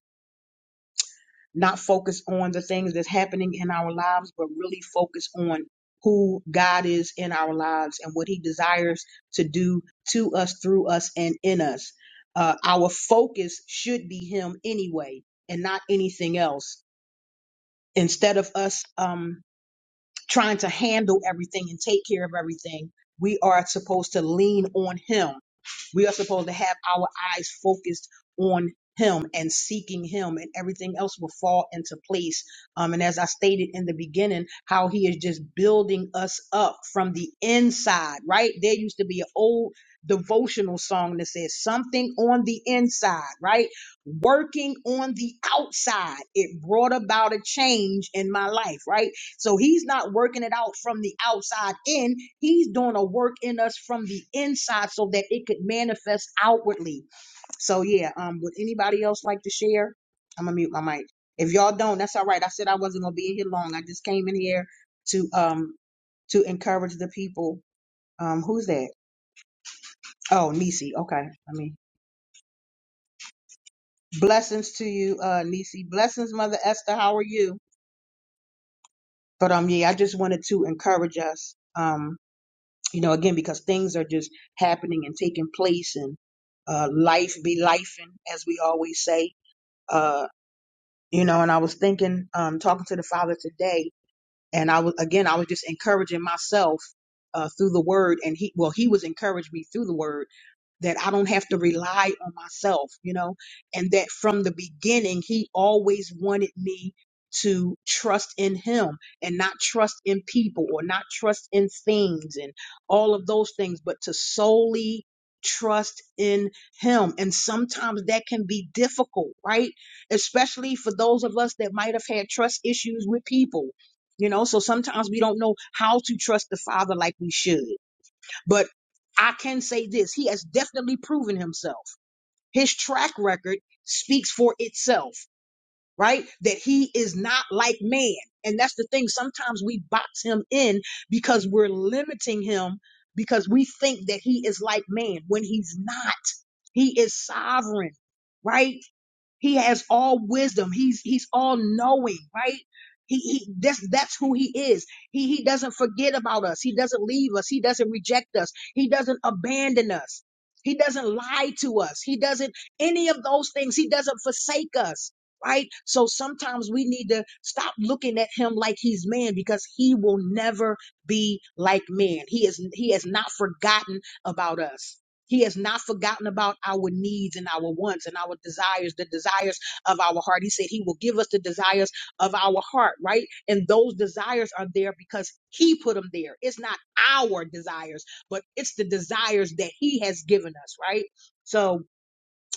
[SPEAKER 1] not focus on the things that's happening in our lives, but really focus on who God is in our lives and what He desires to do to us, through us, and in us. Uh, our focus should be Him anyway, and not anything else. Instead of us, um, trying to handle everything and take care of everything. We are supposed to lean on Him. We are supposed to have our eyes focused on Him and seeking Him, and everything else will fall into place. Um, and as I stated in the beginning, how He is just building us up from the inside, right? There used to be an old devotional song that says something on the inside, right? Working on the outside, it brought about a change in my life, right? So he's not working it out from the outside in. He's doing a work in us from the inside so that it could manifest outwardly. So yeah, um, would anybody else like to share? I'm gonna mute my mic. If y'all don't, that's all right. I said I wasn't gonna be in here long. I just came in here to um to encourage the people. Um, who's that? Oh, Nisi. Okay, I mean, blessings to you, uh, Nisi. Blessings, Mother Esther. How are you? But um, yeah, I just wanted to encourage us. Um, you know, again, because things are just happening and taking place and uh, life be lifing, as we always say. Uh, you know, and I was thinking, um, talking to the Father today, and I was, again, I was just encouraging myself uh, through the word, and he, well, he was encouraging me through the word that I don't have to rely on myself, you know, and that from the beginning, he always wanted me to trust in him and not trust in people or not trust in things and all of those things, but to solely trust in him. And sometimes that can be difficult, right? Especially for those of us that might have had trust issues with people. You know, so sometimes we don't know how to trust the Father like we should but I can say this he has definitely proven himself. His track record speaks for itself, right? That he is not like man. And that's the thing. Sometimes we box him in because we're limiting him because we think that he is like man when he's not. He is sovereign, right? He has all wisdom. He's he's all knowing, right? He, he that's that's who he is. He he doesn't forget about us. He doesn't leave us. He doesn't reject us. He doesn't abandon us. He doesn't lie to us. He doesn't any of those things. He doesn't forsake us, right? So sometimes we need to stop looking at him like he's man because he will never be like man. He is he has not forgotten about us. He has not forgotten about our needs and our wants and our desires, the desires of our heart. He said he will give us the desires of our heart, right? And those desires are there because he put them there. It's not our desires, but it's the desires that he has given us, right? So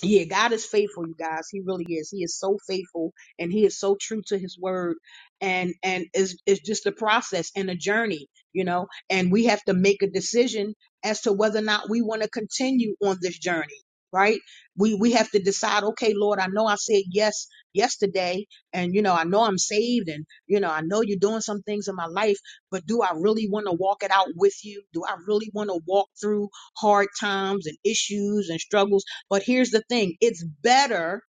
[SPEAKER 1] yeah, God is faithful, you guys. He really is. He is so faithful and he is so true to his word. And and it's it's just a process and a journey, you know, and we have to make a decision as to whether or not we want to continue on this journey, right? We we have to decide, okay, Lord, I know I said yes yesterday, and you know, I know I'm saved and you know, I know you're doing some things in my life, but do I really want to walk it out with you? Do I really want to walk through hard times and issues and struggles? But here's the thing it's better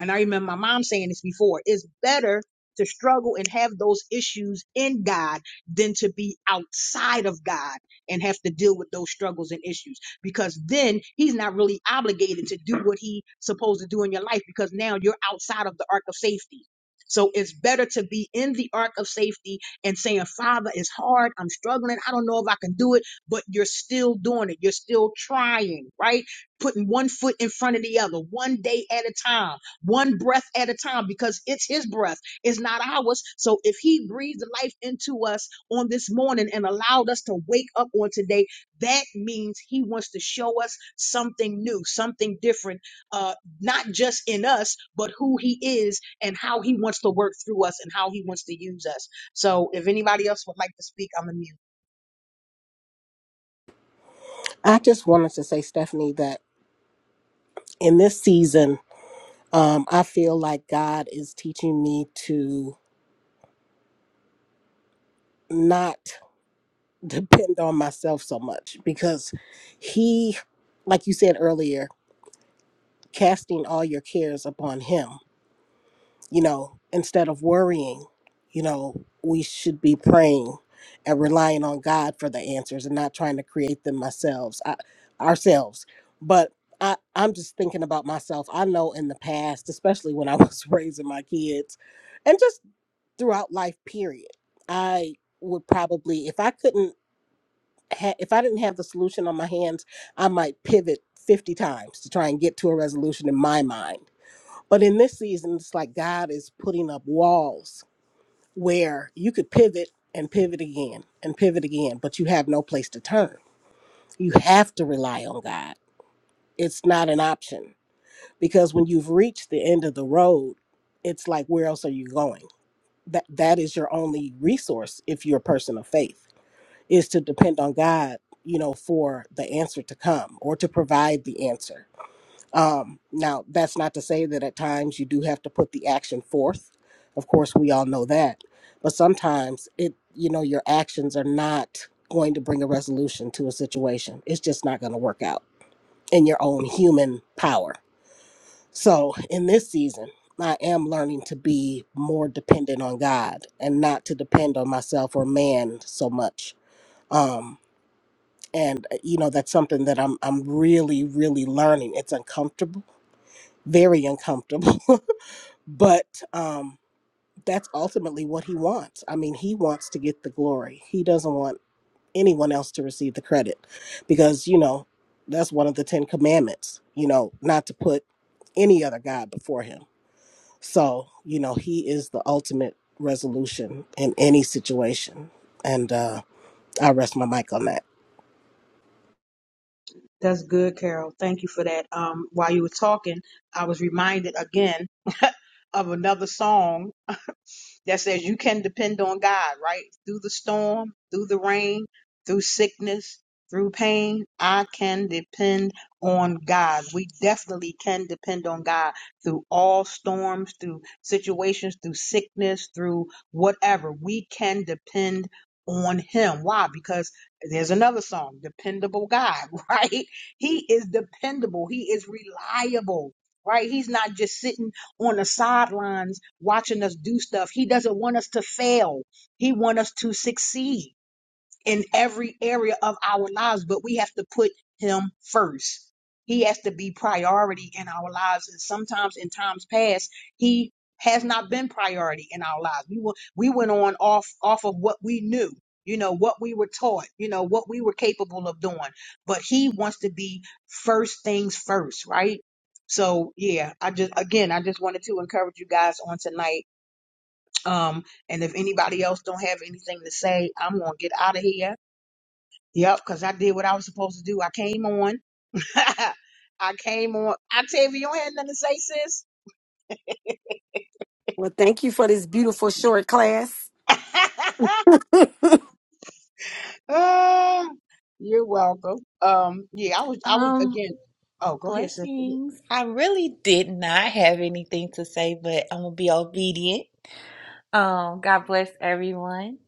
[SPEAKER 1] and I remember my mom saying this before, it's better to struggle and have those issues in God than to be outside of God and have to deal with those struggles and issues because then he's not really obligated to do what he's supposed to do in your life because now you're outside of the ark of safety. So it's better to be in the ark of safety and saying, Father, it's hard. I'm struggling. I don't know if I can do it, but you're still doing it. You're still trying, right? Putting one foot in front of the other, one day at a time one breath at a time because it's his breath it's not ours so if he breathed life into us on this morning and allowed us to wake up on today that means he wants to show us something new something different uh not just in us but who he is and how he wants to work through us and how he wants to use us so if anybody else would like to speak i'm immune
[SPEAKER 6] I just wanted to say, Stephanie, that in this season, um, I feel like God is teaching me to not (laughs) depend on myself so much because He, like you said earlier, casting all your cares upon Him. you know, instead of worrying, you know, we should be praying and relying on God for the answers and not trying to create them ourselves, I, ourselves. But I, I'm just thinking about myself. I know in the past, especially when I was (laughs) raising my kids and just throughout life, period, I would probably, if I couldn't, ha- if I didn't have the solution on my hands, I might pivot 50 times to try and get to a resolution in my mind but in this season, it's like God is putting up walls where you could pivot and pivot again and pivot again, but you have no place to turn. You have to rely on God. It's not an option because when you've reached the end of the road, it's like where else are you going? That that is your only resource if you're a person of faith is to depend on God, you know, for the answer to come or to provide the answer Um, now, that's not to say that at times you do have to put the action forth. Of course, we all know that. But sometimes it, you know, your actions are not going to bring a resolution to a situation. It's just not going to work out in your own human power. So in this season, I am learning to be more dependent on God and not to depend on myself or man so much. Um, and uh, you know that's something that I'm I'm really really learning. It's uncomfortable, very uncomfortable (laughs) but um that's ultimately what he wants i mean he wants to get the glory he doesn't want anyone else to receive the credit because you know that's one of the 10 commandments you know not to put any other god before him so you know he is the ultimate resolution in any situation and uh i rest my mic on that
[SPEAKER 1] that's good carol thank you for that um while you were talking i was reminded again of another song that says you can depend on God, right? Through the storm, through the rain, through sickness, through pain, I can depend on God. We definitely can depend on God through all storms, through situations, through sickness, through whatever. We can depend on Him. Why? Because there's another song, Dependable God, (laughs) right? He is dependable, He is reliable. Right? He's not just sitting on the sidelines watching us do stuff. He doesn't want us to fail. He wants us to succeed in every area of our lives, but we have to put him first. He has to be priority in our lives. And sometimes in times past, he has not been priority in our lives. We were, we went on off off of what we knew, you know, what we were taught, you know, what we were capable of doing. But he wants to be first things first, right? So yeah, I just again I just wanted to encourage you guys on tonight. Um, and if anybody else don't have anything to say, I'm gonna get out of here Yep, because I did what I was supposed to do. I came on. (laughs) I came on. Octavia, you don't have nothing to say, sis.
[SPEAKER 7] Well, thank you for this beautiful short class.
[SPEAKER 1] (laughs)
[SPEAKER 7] (laughs)
[SPEAKER 1] Uh, you're welcome. Um, yeah, I was I was
[SPEAKER 5] Um,
[SPEAKER 1] again. Oh, go ahead, sis.
[SPEAKER 5] blessings. I really did not have anything to say, but I'm gonna be obedient. Um, God bless everyone.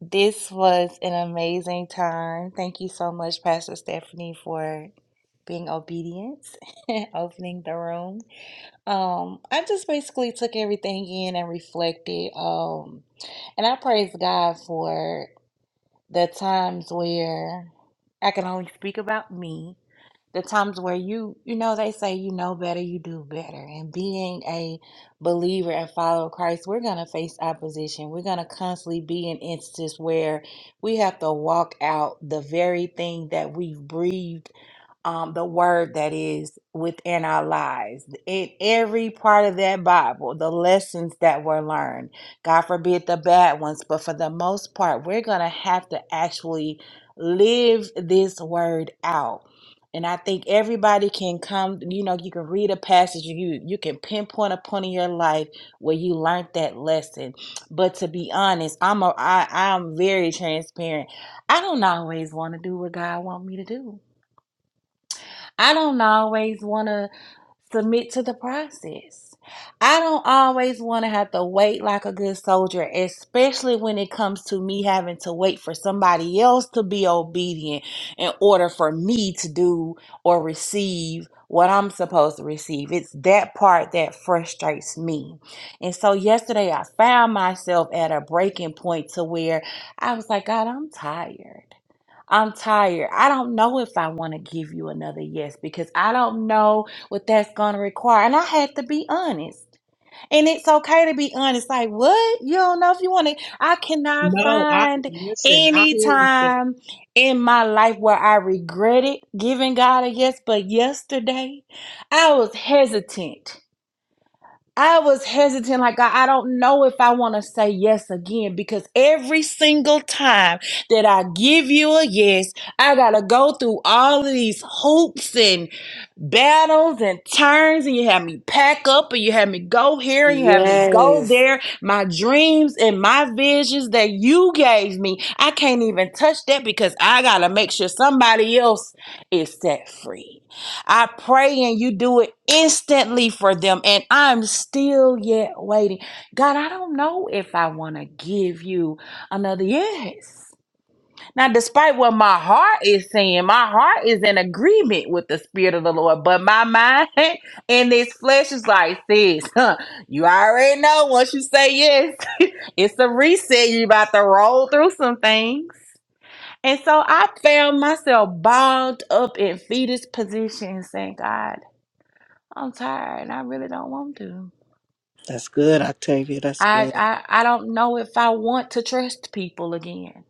[SPEAKER 5] This was an amazing time. Thank you so much, Pastor Stephanie, for being obedient, (laughs) opening the room. Um, I just basically took everything in and reflected. Um, and I praise God for the times where I can only speak about me, the times where you, you know, they say you know better, you do better. And being a believer and follower of Christ, we're going to face opposition. We're going to constantly be in instances where we have to walk out the very thing that we've breathed um, the word that is within our lives, in every part of that Bible, the lessons that were learned. God forbid the bad ones, but for the most part, we're going to have to actually live this word out. And I think everybody can come, you know, you can read a passage, you you can pinpoint a point in your life where you learned that lesson. But to be honest, I'm a I, I'm very transparent. I don't always want to do what God want me to do I don't always want to submit to the process. I don't always want to have to wait like a good soldier, especially when it comes to me having to wait for somebody else to be obedient in order for me to do or receive what I'm supposed to receive. It's that part that frustrates me. And so yesterday I found myself at a breaking point to where I was like, God, I'm tired. I'm tired. I don't know if I want to give you another yes because I don't know what that's going to require. And I had to be honest. And it's okay to be honest. Like, what? You don't know if you want to. I cannot
[SPEAKER 1] No, I
[SPEAKER 5] find
[SPEAKER 1] listen, I hear
[SPEAKER 5] any
[SPEAKER 1] you sis.
[SPEAKER 5] time in my life where I regretted giving God a yes. But yesterday, I was hesitant. I was hesitant, like I, I don't know if I want to say yes again because every single time that I give you a yes, I gotta go through all of these hoops and battles and turns, and you have me pack up, and you have me go here, and you have me go
[SPEAKER 7] Yes.
[SPEAKER 5] there. My dreams and my visions that you gave me, I can't even touch that because I gotta make sure somebody else is set free. I pray and you do it instantly for them. And I'm still yet waiting. God, I don't know if I want to give you another yes. Now, despite what my heart is saying, my heart is in agreement with the Spirit of the Lord, but my mind (laughs) and this flesh is like, sis, huh, (laughs) you already know once you say yes, (laughs) it's a reset. you about to roll through some things. And so I found myself bogged up in fetus position saying, God. I'm tired and I really don't want to.
[SPEAKER 6] that's good octavia that's
[SPEAKER 5] I,
[SPEAKER 6] good
[SPEAKER 5] I I don't know if I want to trust people again.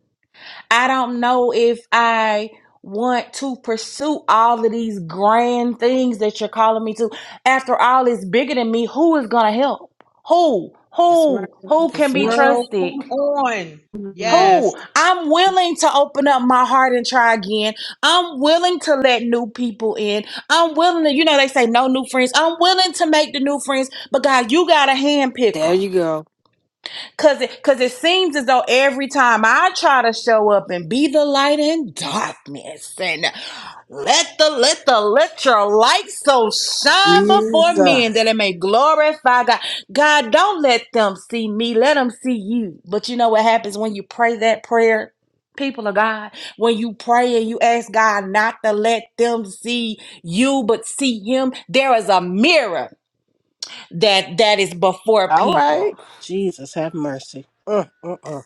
[SPEAKER 5] I don't know if I want to pursue all of these grand things that you're calling me to. After all, it's bigger than me. Who is gonna help? Who? Who? Who can be
[SPEAKER 1] Girl, come
[SPEAKER 5] trusted?
[SPEAKER 1] on. Yes.
[SPEAKER 5] Who? I'm willing to open up my heart and try again. I'm willing to let new people in. I'm willing to, you know, they say no new friends. I'm willing to make the new friends, but God, you got to handpick
[SPEAKER 7] There
[SPEAKER 5] 'em.
[SPEAKER 7] you go.
[SPEAKER 5] Cause it cause it seems as though every time I try to show up and be the light in darkness and let the let the let your light so shine before men
[SPEAKER 6] jesus
[SPEAKER 5] that it may glorify God. God, don't let them see me. Let them see you. But you know what happens when you pray that prayer? People of God, when you pray and you ask God not to let them see you, but see Him, there is a mirror that that is before
[SPEAKER 7] All
[SPEAKER 5] people
[SPEAKER 7] right.
[SPEAKER 6] jesus have mercy uh, uh, uh.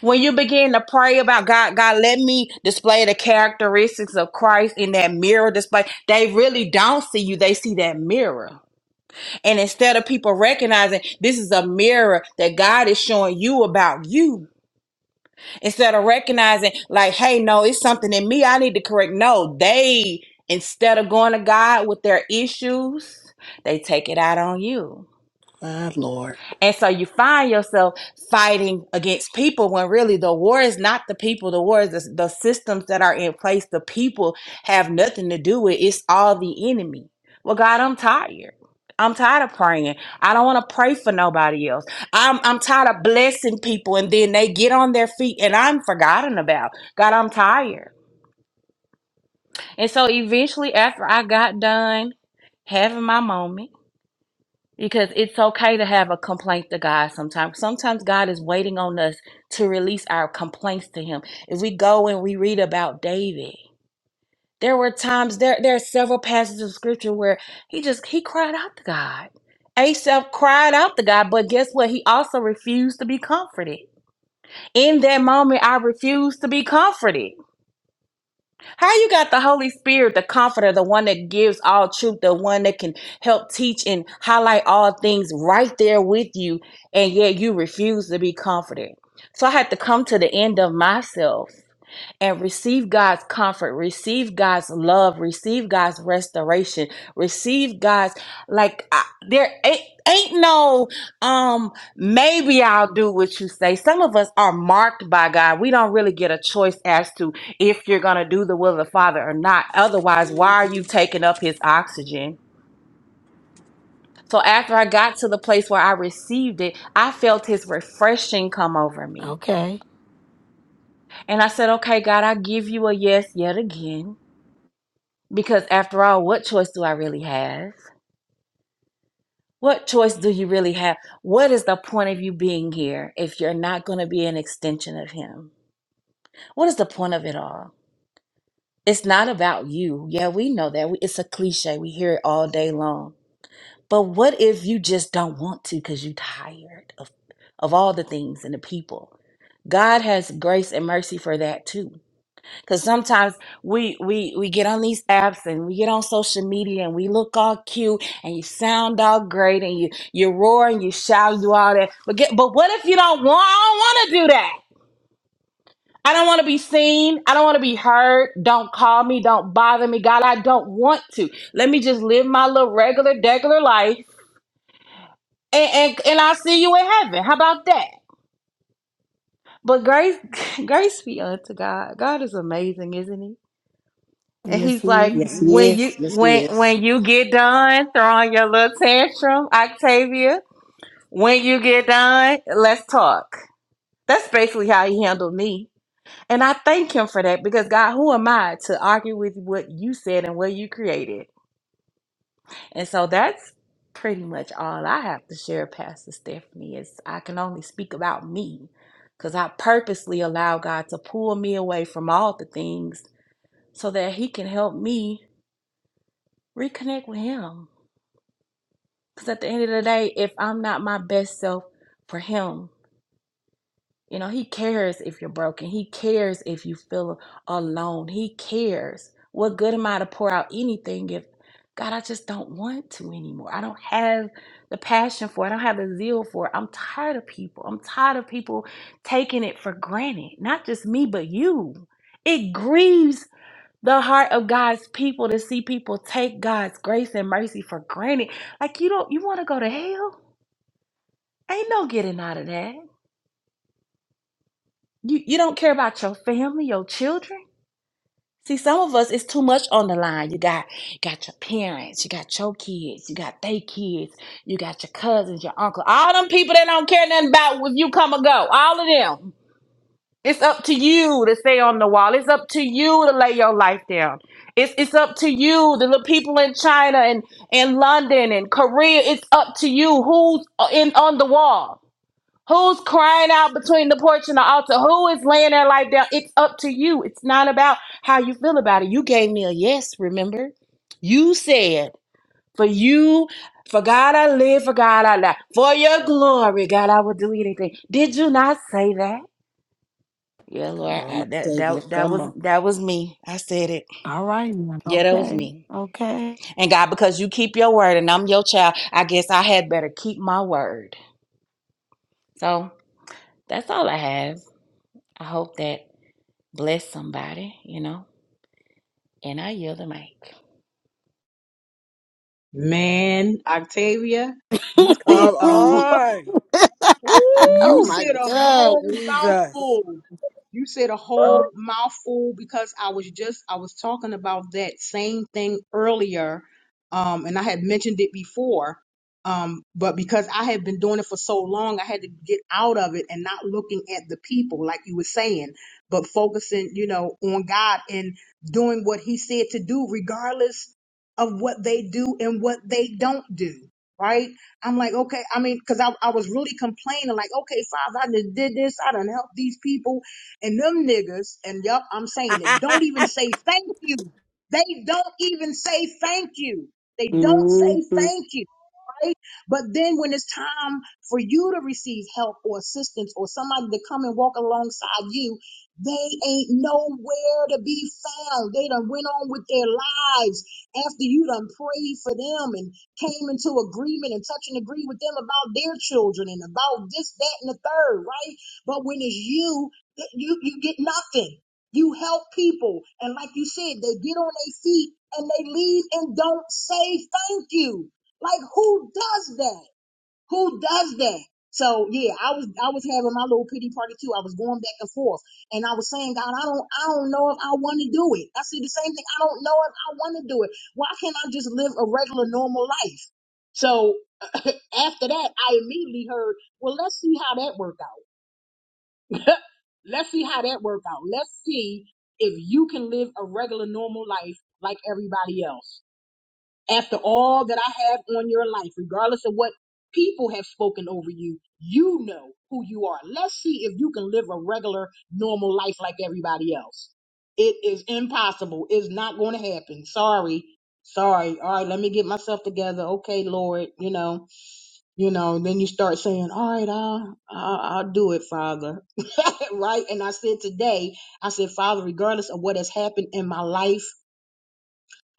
[SPEAKER 5] when you begin to pray about God, God, let me display the characteristics of Christ in that mirror display. They really don't see you, they see that mirror. And instead of people recognizing this is a mirror that God is showing you about you, instead of recognizing, like, hey, no, it's something in me I need to correct. No, they, instead of going to God with their issues, they take it out on you.
[SPEAKER 6] my lord
[SPEAKER 5] And so you find yourself fighting against people when really the war is not the people. The war is the, the systems that are in place. The people have nothing to do with it. It's all the enemy. Well, God, I'm tired. I'm tired of praying. I don't want to pray for nobody else. I'm I'm tired of blessing people and then they get on their feet and I'm forgotten about. God, I'm tired. And so eventually after I got done having my moment, because it's okay to have a complaint to God sometimes. Sometimes God is waiting on us to release our complaints to Him. If we go and we read about David, there were times there there are several passages of scripture where he just he cried out to God. Asaph cried out to God, but guess what? He also refused to be comforted. In that moment, I refused to be comforted. How you got the Holy Spirit, the comforter, the one that gives all truth, the one that can help teach and highlight all things right there with you, and yet you refuse to be comforted. So I had to come to the end of myself and receive God's comfort, receive God's love, receive God's restoration, receive God's like I, there ain't, ain't no um maybe I'll do what you say. Some of us are marked by God. We don't really get a choice as to if you're going to do the will of the Father or not. Otherwise, why are you taking up his oxygen? So after I got to the place where I received it, I felt his refreshing come over me.
[SPEAKER 7] okay
[SPEAKER 5] And I said, "Okay, God, I give you a yes yet again." Because after all, what choice do I really have? What choice do you really have? What is the point of you being here if you're not going to be an extension of Him? What is the point of it all? It's not about you. Yeah, we know that. We, it's a cliche. We hear it all day long. But what if you just don't want to because you're tired of, of all the things and the people? God has grace and mercy for that too. Cause sometimes we we we get on these apps and we get on social media and we look all cute and you sound all great and you you roar and you shout you do all that. But get but what if you don't want? I don't want to do that. I don't want to be seen. I don't want to be heard. Don't call me. Don't bother me. God, I don't want to. Let me just live my little regular degular life and and, and I'll see you in heaven. How about that? But grace (laughs) grace be unto God. God is amazing, isn't he? And
[SPEAKER 7] Yes,
[SPEAKER 5] he's like,
[SPEAKER 7] he
[SPEAKER 6] yes he
[SPEAKER 5] when
[SPEAKER 7] is.
[SPEAKER 5] you
[SPEAKER 6] is yes he
[SPEAKER 5] when
[SPEAKER 6] is
[SPEAKER 5] when you get done throwing your little tantrum, Octavia, when you get done, let's talk. That's basically how he handled me. And I thank him for that because God, who am I to argue with what you said and what you created? And so that's pretty much all I have to share, Pastor Stephanie, is I can only speak about me. Because I purposely allow God to pull me away from all the things so that he can help me reconnect with him. Because at the end of the day, if I'm not my best self for him, you know, he cares if you're broken. He cares if you feel alone. He cares. What good am I to pour out anything if, God, I just don't want to anymore? I don't have the passion for it. I don't have the zeal for it. I'm tired of people. I'm tired of people taking it for granted. Not just me, but you. It grieves the heart of God's people to see people take God's grace and mercy for granted. Like, you don't, you want to go to hell? Ain't no getting out of that. You you don't care about your family, your children. See, some of us it's too much on the line. You got got your parents, you got your kids, you got they kids, you got your cousins, your uncle, all them people that don't care nothing about if you come or go. All of them. It's up to you to stay on the wall. It's up to you to lay your life down. It's it's up to you, the little people in China and and London and Korea. It's up to you who's uh, in on the wall. Who's crying out between the porch and the altar? Who is laying their life down? It's up to you. It's not about how you feel about it. You gave me a yes, remember? You said, for you, for God I live, for God I die. For your glory, God, I will do anything. Did you not say that? Yeah,
[SPEAKER 6] Come
[SPEAKER 5] Lord,
[SPEAKER 6] on,
[SPEAKER 5] I,
[SPEAKER 6] my
[SPEAKER 5] that,
[SPEAKER 6] Savior.
[SPEAKER 5] that that
[SPEAKER 6] Come
[SPEAKER 5] was
[SPEAKER 6] on.
[SPEAKER 5] that was me. I said it.
[SPEAKER 7] All right now.
[SPEAKER 5] Yeah, that was
[SPEAKER 7] Okay.
[SPEAKER 5] me.
[SPEAKER 7] Okay.
[SPEAKER 5] And God, because you keep your word and I'm your child, I guess I had better keep my word. So that's all I have. I hope that bless somebody, you know. And I yield the mic.
[SPEAKER 1] Man, Octavia,
[SPEAKER 7] (laughs)
[SPEAKER 1] you said
[SPEAKER 6] Come
[SPEAKER 1] a
[SPEAKER 7] oh
[SPEAKER 6] on.
[SPEAKER 1] You
[SPEAKER 6] Woo!
[SPEAKER 7] my
[SPEAKER 1] said a
[SPEAKER 7] God.
[SPEAKER 1] whole
[SPEAKER 6] Jesus.
[SPEAKER 1] mouthful. You said a whole mouthful because I was just I was talking about that same thing earlier, um, and I had mentioned it before. Um, but because I had been doing it for so long, I had to get out of it and not looking at the people, like you were saying, but focusing, you know, on God and doing what He said to do, regardless of what they do and what they don't do, right? I'm like, okay, I mean, because I, I was really complaining, like, okay, Father, I just did this, I done helped these people, and them niggas, and yup, I'm saying it, don't even say thank you. They don't even say thank you. They don't say
[SPEAKER 7] hmm
[SPEAKER 1] thank you right? But then when it's time for you to receive help or assistance or somebody to come and walk alongside you, they ain't nowhere to be found. They done went on with their lives after you done prayed for them and came into agreement and touch and agree with them about their children and about this, that, and the third, right? But when it's you, it- you you get nothing. You help people, and like you said, they get on their feet and they leave and don't say thank you. Like who does that? Who does that? So yeah, I was I was having my little pity party too. I was going back and forth, and I was saying, God, I don't I don't know if I want to do it. I said the same thing. I don't know if I want to do it. Why can't I just live a regular normal life? So (laughs) after that, I immediately heard, well, let's see how that worked out. (laughs) let's see how that worked out. Let's see if you can live a regular normal life like everybody else after all that I have on your life, regardless of what people have spoken over you, you know who you are. Let's see if you can live a regular, normal life like everybody else. It is impossible. It's not going to happen. Sorry. Sorry. All right, let me get myself together. Okay, Lord, you know, you know, then you start saying, "All right, I'll I'll, I'll do it, Father." (laughs) right? And I said today, I said, "Father, regardless of what has happened in my life,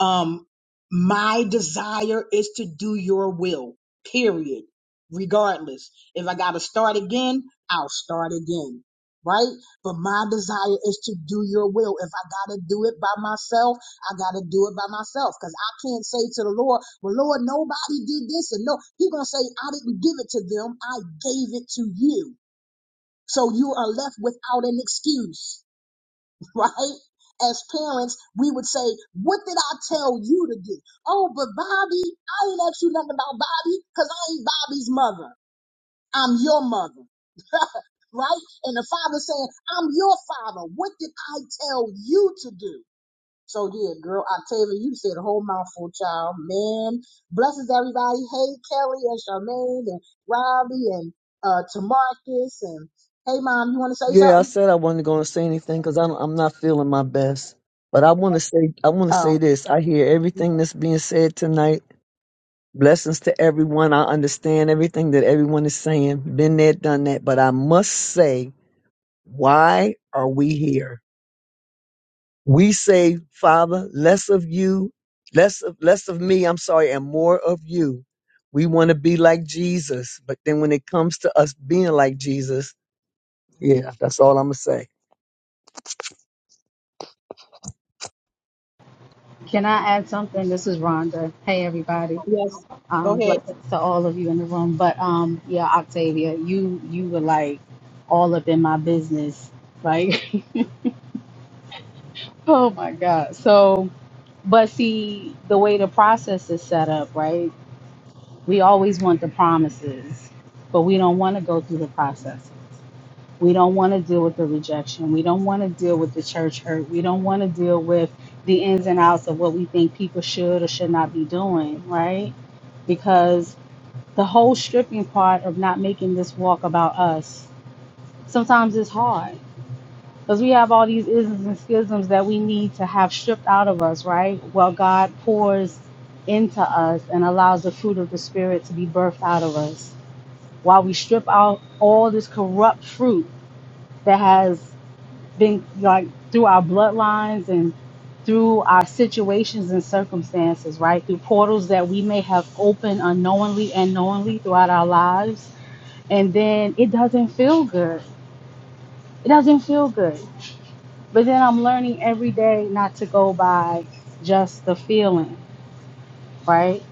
[SPEAKER 1] um, my desire is to do your will, period. Regardless. If I gotta start again, I'll start again. Right? But my desire is to do your will. If I gotta do it by myself, I gotta do it by myself. Cause I can't say to the Lord, well, Lord, nobody did this. And no, He's gonna say, I didn't give it to them. I gave it to you. So you are left without an excuse right? As parents, we would say, What did I tell you to do? Oh, but Bobby, I ain't asked you nothing about Bobby because I ain't Bobby's mother. I'm your mother. (laughs) right? And the father saying, I'm your father. What did I tell you to do? So yeah, girl, Octavia, you said a whole mouthful, child. Man, blesses everybody. Hey, Kelly and Charmaine and Robbie and uh Tamarcus and hey mom, you wanna say
[SPEAKER 10] Yeah, I
[SPEAKER 1] something?
[SPEAKER 10] said I wasn't going to say anything because I'm I'm not feeling my best. But I want to say I want to say
[SPEAKER 1] Oh,
[SPEAKER 10] this. I hear everything that's being said tonight. Blessings to everyone. I understand everything that everyone is saying. Been there, done that. But I must say, why are we here? We say, Father, less of you, less of less of me. I'm sorry, and more of you. We want to be like Jesus. But then when it comes to us being like Jesus, yeah, that's all I'm gonna say.
[SPEAKER 9] Can I add something? This is Rhonda. Hey, everybody.
[SPEAKER 1] Yes, go
[SPEAKER 9] Um,
[SPEAKER 1] ahead.
[SPEAKER 9] blessings to all of you in the room. But um, yeah, Octavia, you you were like all up in my business. Like, (laughs) oh my God. So, but see, the way the process is set up, right? We always want the promises, but we don't want to go through the processes. We don't want to deal with the rejection. We don't want to deal with the church hurt. We don't want to deal with the ins and outs of what we think people should or should not be doing, right? Because the whole stripping part of not making this walk about us sometimes is hard because we have all these isms and schisms that we need to have stripped out of us, right? Well, God pours into us and allows the fruit of the Spirit to be birthed out of us while we strip out all this corrupt fruit that has been like through our bloodlines and through our situations and circumstances, right? Through portals that we may have opened unknowingly and knowingly throughout our lives. And then it doesn't feel good. It doesn't feel good. But then I'm learning every day not to go by just the feeling, right?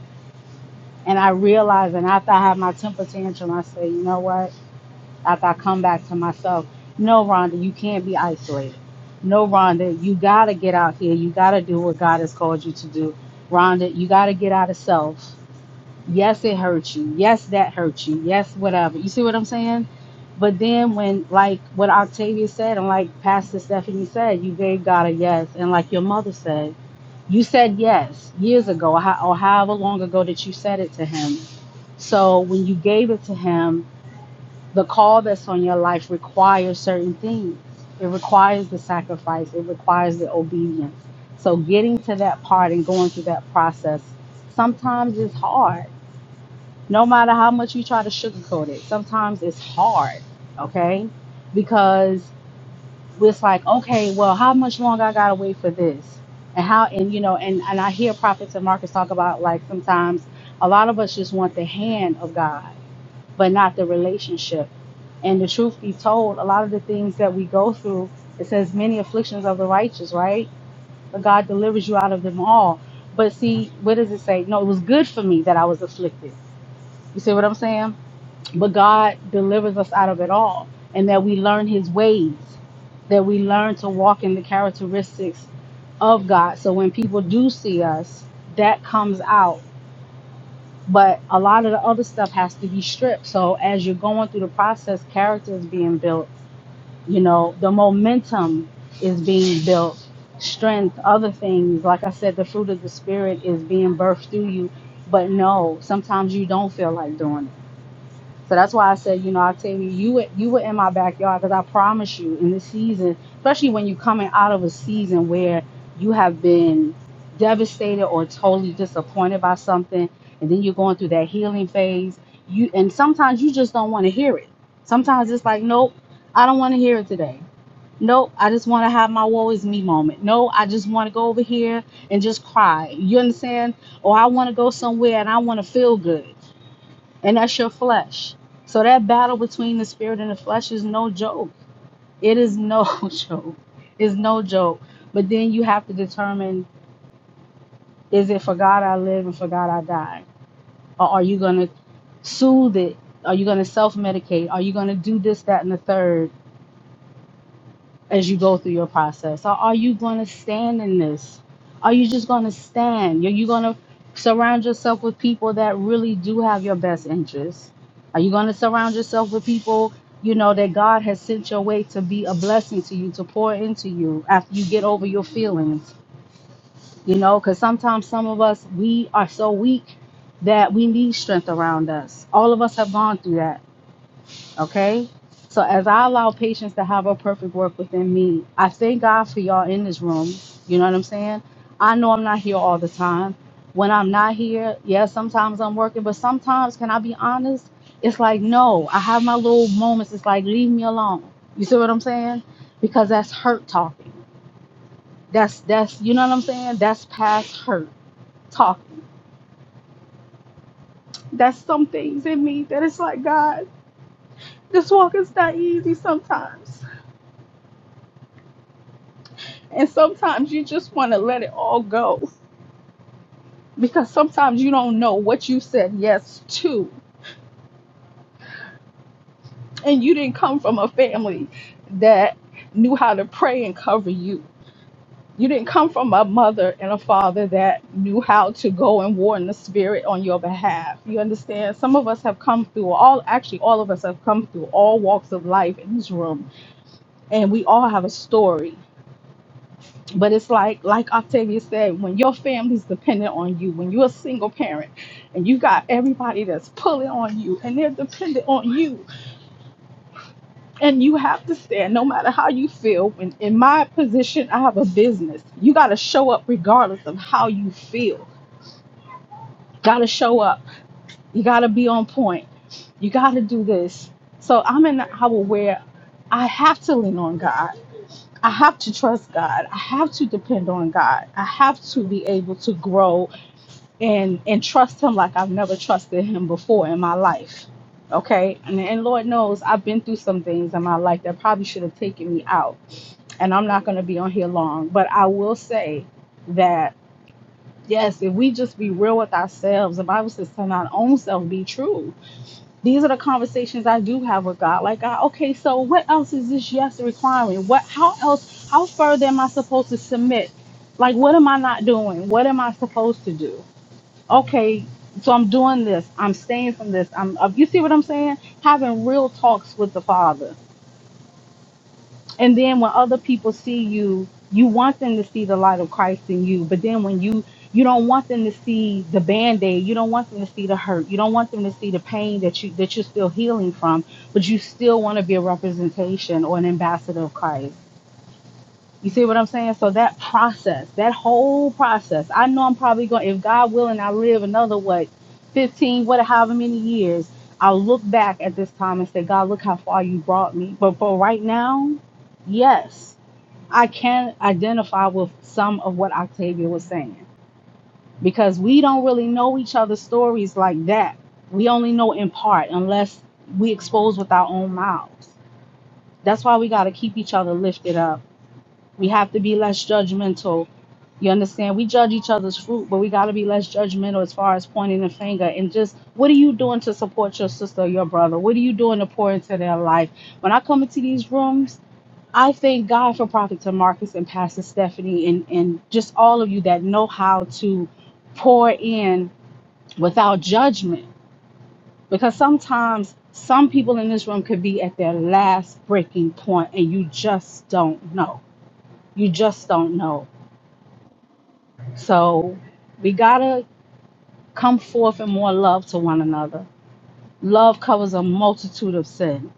[SPEAKER 9] And I realize, and after I have my temper tantrum, I say, you know what? after I come back to myself, no, Rhonda, you can't be isolated. No, Rhonda, you got to get out here. You got to do what God has called you to do. Rhonda, you got to get out of self. Yes, it hurt you. Yes, that hurt you. Yes, whatever. You see what I'm saying? But then when, like what Octavia said and like Pastor Stephanie said, you gave God a yes. And like your mother said, you said yes years ago or how- or however long ago that you said it to him. So when you gave it to him, the call that's on your life requires certain things. It requires the sacrifice, it requires the obedience. So, getting to that part and going through that process sometimes is hard. No matter how much you try to sugarcoat it, sometimes it's hard, okay? Because it's like, okay, well, how much longer I gotta wait for this? And how, and you know, and, and I hear prophets and Marcus talk about like sometimes a lot of us just want the hand of God but not the relationship. And the truth be told, a lot of the things that we go through, it says many afflictions of the righteous, right? But God delivers you out of them all. But see, what does it say? No, it was good for me that I was afflicted. You see what I'm saying? But God delivers us out of it all, and that we learn His ways, that we learn to walk in the characteristics of God. So when people do see us, that comes out but a lot of the other stuff has to be stripped. So as you're going through the process, character is being built. You know, the momentum is being built, strength, other things. Like I said, the fruit of the spirit is being birthed through you. But no, sometimes you don't feel like doing it so that's why I said, you know, I tell you, you were- you were in my backyard because I promise you, in this season, especially when you're coming out of a season where you have been devastated or totally disappointed by something, and then you're going through that healing phase. You and sometimes you just don't want to hear it. Sometimes it's like, nope, I don't want to hear it today. Nope, I just want to have my woe is me moment. No, I just want to go over here and just cry. You understand? Or I want to go somewhere and I want to feel good and that's your flesh. So that battle between the spirit and the flesh is no joke. It is no (laughs) joke. It's no joke. But then you have to determine is it for God I live and for God I die? Or are you going to soothe it? Are you going to self medicate? Are you going to do this, that, and the third? as you go through your process? Or are you going to stand in this? Are you just going to stand? Are you going to surround yourself with people that really do have your best interests? Are you going to surround yourself with people, you know, that God has sent your way to be a blessing to you, to pour into you after you get over your feelings? You know, because sometimes some of us, we are so weak that we need strength around us. All of us have gone through that Okay? So as I allow patience to have a perfect work within me, I thank God for y'all in this room. You know what I'm saying? I know I'm not here all the time. When I'm not here, yeah, sometimes I'm working, but sometimes, can I be honest? It's like, no, I have my little moments. It's like, leave me alone. You see what I'm saying? Because that's hurt talking. That's, that's, you know what I'm saying? That's past hurt talking. That's some things in me that it's like, God, this walk is not easy sometimes And sometimes you just want to let it all go because sometimes you don't know what you said yes to. And you didn't come from a family that knew how to pray and cover you. You didn't come from a mother and a father that knew how to go and war in the spirit on your behalf. You understand? Some of us have come through all, actually, all of us have come through all walks of life in this room, and we all have a story But it's like, like Octavia said, when your family's dependent on you, when you're a single parent and you got everybody that's pulling on you and they're dependent on you, and you have to stand no matter how you feel. When in my position, I have a business, you got to show up regardless of how you feel. Got to show up. You got to be on point. You got to do this. So I'm in the hour where I have to lean on God. I have to trust God. I have to depend on God. I have to be able to grow and and trust him like I've never trusted him before in my life. Okay? And and Lord knows I've been through some things in my life that probably should have taken me out. And I'm not going to be on here long, but I will say that yes, if we just be real with ourselves, the Bible says to not own self be true. These are the conversations I do have with God. Like, God, okay, so what else is this yes requiring? What how else how further am I supposed to submit? Like what am I not doing? What am I supposed to do? okay, so I'm doing this. I'm staying from this. I'm, uh, you see what I'm saying? Having real talks with the Father. And then when other people see you, you want them to see the light of Christ in you. But then when you, you don't want them to see the band aid. You don't want them to see the hurt. You don't want them to see the pain that you that you're still healing from. But you still want to be a representation or an ambassador of Christ. You see what I'm saying? So that process, that whole process, I know I'm probably going, if God willing, I live another what, 15, what, however many years, I'll look back at this time and say, God, look how far you brought me. But for right now, yes, I can identify with some of what Octavia was saying because we don't really know each other's stories like that. We only know in part unless we expose with our own mouths. That's why we got to keep each other lifted up we have to be less judgmental. You understand? We judge each other's fruit, but we got to be less judgmental as far as pointing the finger and just what are you doing to support your sister or your brother? What are you doing to pour into their life? When I come into these rooms, I thank God for Prophet Marcus and Pastor Stephanie and, and just all of you that know how to pour in without judgment. Because sometimes some people in this room could be at their last breaking point and you just don't know. You just don't know So we gotta come forth in more love to one another. Love covers a multitude of sin.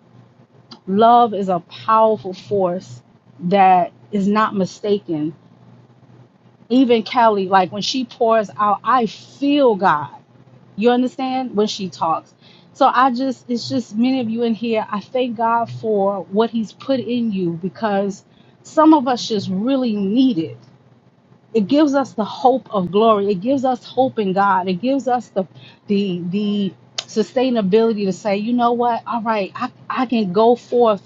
[SPEAKER 9] Love is a powerful force that is not mistaken. Even Kelly, like when she pours out, I feel God. You understand? When she talks. So I just, it's just many of you in here, I thank God for what He's put in you because some of us just really need it it gives us the hope of glory. It gives us hope in God. It gives us the the the sustainability to say, you know what? All right, I, I can go forth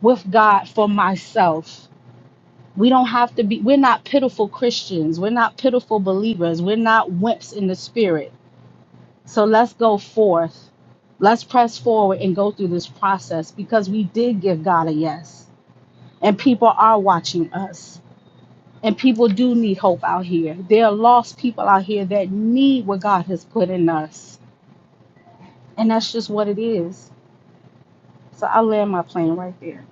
[SPEAKER 9] with God for myself. We don't have to be we're not pitiful Christians. We're not pitiful believers. We're not wimps in the spirit. So let's go forth. Let's press forward and go through this process because we did give God a yes. And people are watching us. And people do need hope out here. There are lost people out here that need what God has put in us. And that's just what it is. So I land my plane right there.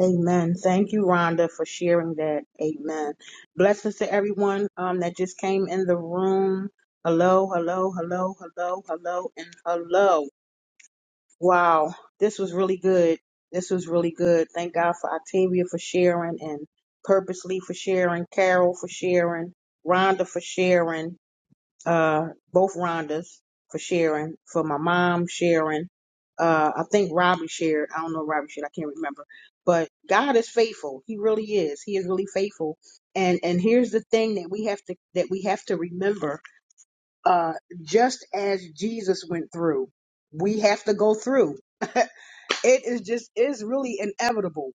[SPEAKER 1] Amen. Thank you, Rhonda, for sharing that. Amen. Blessings to everyone um, that just came in the room. Hello, hello, hello, hello, hello, and hello. Wow, this was really good. This was really good. Thank God for Octavia for sharing and purposely for sharing, Carol for sharing, Rhonda for sharing uh, both Rhondas for sharing, for my mom sharing. Uh, I think Robbie shared. I don't know if Robbie shared. I can't remember. But God is faithful. He really is. He is really faithful. And and here's the thing that we have to that we have to remember. Uh, just as Jesus went through, we have to go through. It is just is really inevitable.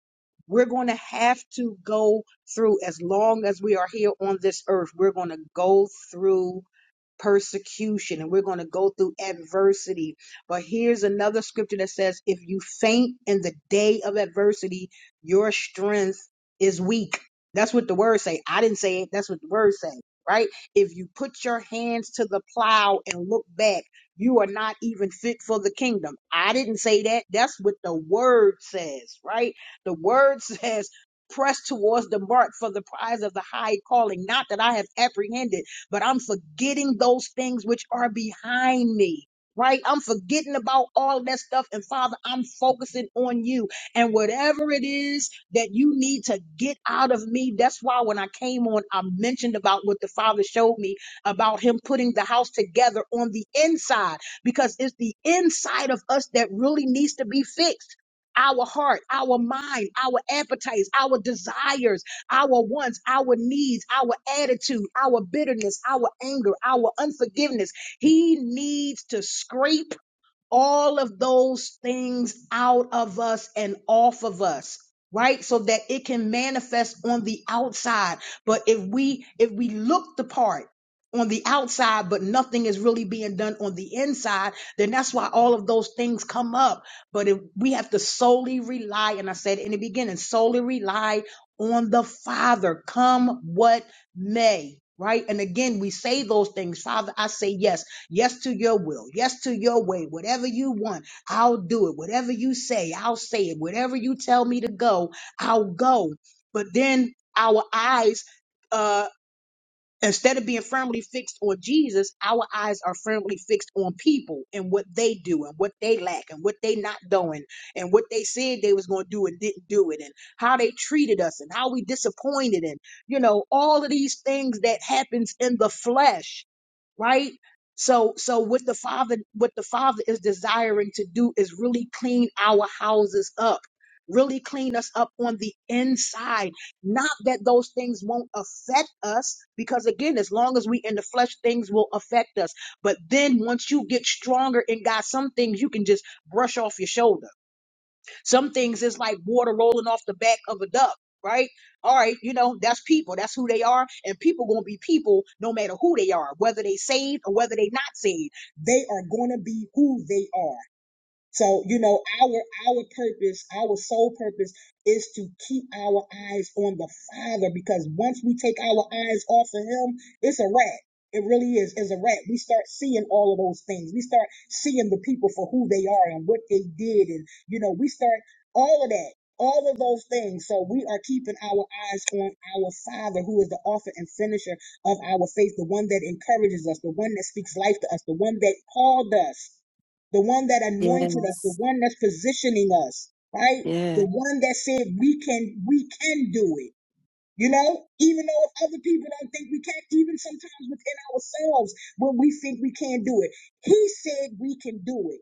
[SPEAKER 1] We're going to have to go through as long as we are here on this earth. We're going to go through persecution and we're going to go through adversity. But here's another scripture that says, if you faint in the day of adversity, your strength is weak. That's what the words say. I didn't say it. That's what the words say, right? If you put your hands to the plow and look back, you are not even fit for the kingdom. I didn't say that. That's what the word says, right? The word (laughs) says, press towards the mark for the prize of the high calling, not that I have apprehended but I'm forgetting those things which are behind me. Right? I'm forgetting about all that stuff. And Father, I'm focusing on you. And whatever it is that you need to get out of me, that's why when I came on, I mentioned about what the Father showed me about Him putting the house together on the inside, because it's the inside of us that really needs to be fixed our heart, our mind, our appetites, our desires our wants, our needs, our attitude, our bitterness, our anger, our unforgiveness. He needs to scrape all of those things out of us and off of us right so that it can manifest on the outside but if we if we look the part on the outside but nothing is really being done on the inside then that's why all of those things come up but if we have to solely rely and i said in the beginning solely rely on the father come what may right and again we say those things father i say yes Yes to your will. Yes to your way. Whatever you want, I'll do it. Whatever you say, I'll say it. Whatever you tell me to go, I'll go. But then our eyes, uh, instead of being firmly fixed on Jesus, our eyes are firmly fixed on people and what they do and what they lack and what they not doing and what they said they was going to do and didn't do it and how they treated us and how we disappointed and you know all of these things that happens in the flesh right so so what the father what the father is desiring to do is really clean our houses up really clean us up on the inside not that those things won't affect us because again as long as we in the flesh things will affect us but then once you get stronger in god some things you can just brush off your shoulder. Some things is like water rolling off the back of a duck, right? All right, you know, that's people. That's who they are. And people gonna be people no matter who they are, whether they saved or whether they not saved. They are gonna be who they are. So, you know, our our purpose, our sole purpose is to keep our eyes on the Father because once we take our eyes off of him, it's a rat. It really is. It's a rat. We start seeing all of those things. We start seeing the people for who they are and what they did. And, you know, we start all of that, all of those things. So we are keeping our eyes on our Father, who is the author and finisher of our faith, the one that encourages us, the one that speaks life to us, the one that called us the one that anointed us, the
[SPEAKER 7] Yes.
[SPEAKER 1] one that's positioning us, right?
[SPEAKER 7] Yeah.
[SPEAKER 1] The one that said we can we can do it. You know, even though if other people don't think we can, even sometimes within ourselves, when we think we can't do it, he said we can do it.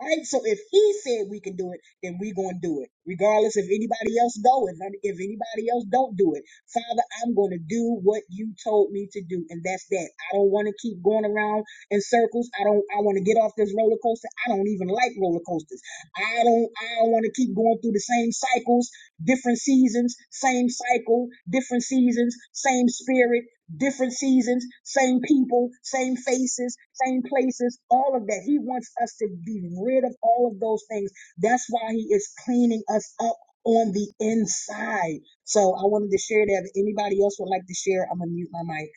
[SPEAKER 1] Right? So if he said we can do it, then we're going to do it, regardless if anybody else go, if, if anybody else don't do it. Father, I'm going to do what you told me to do, and that's that. I don't want to keep going around in circles. I don't. I want to get off this roller coaster. I don't even like roller coasters. I don't. I don't want to keep going through the same cycles, different seasons, same cycle, different seasons, same spirit, different seasons, same people, same faces, same places, all of that. He wants us to be rid of all of those things. That's why he is cleaning us up on the inside. So I wanted to share that. If anybody else would like to share, I'm gonna mute my mic.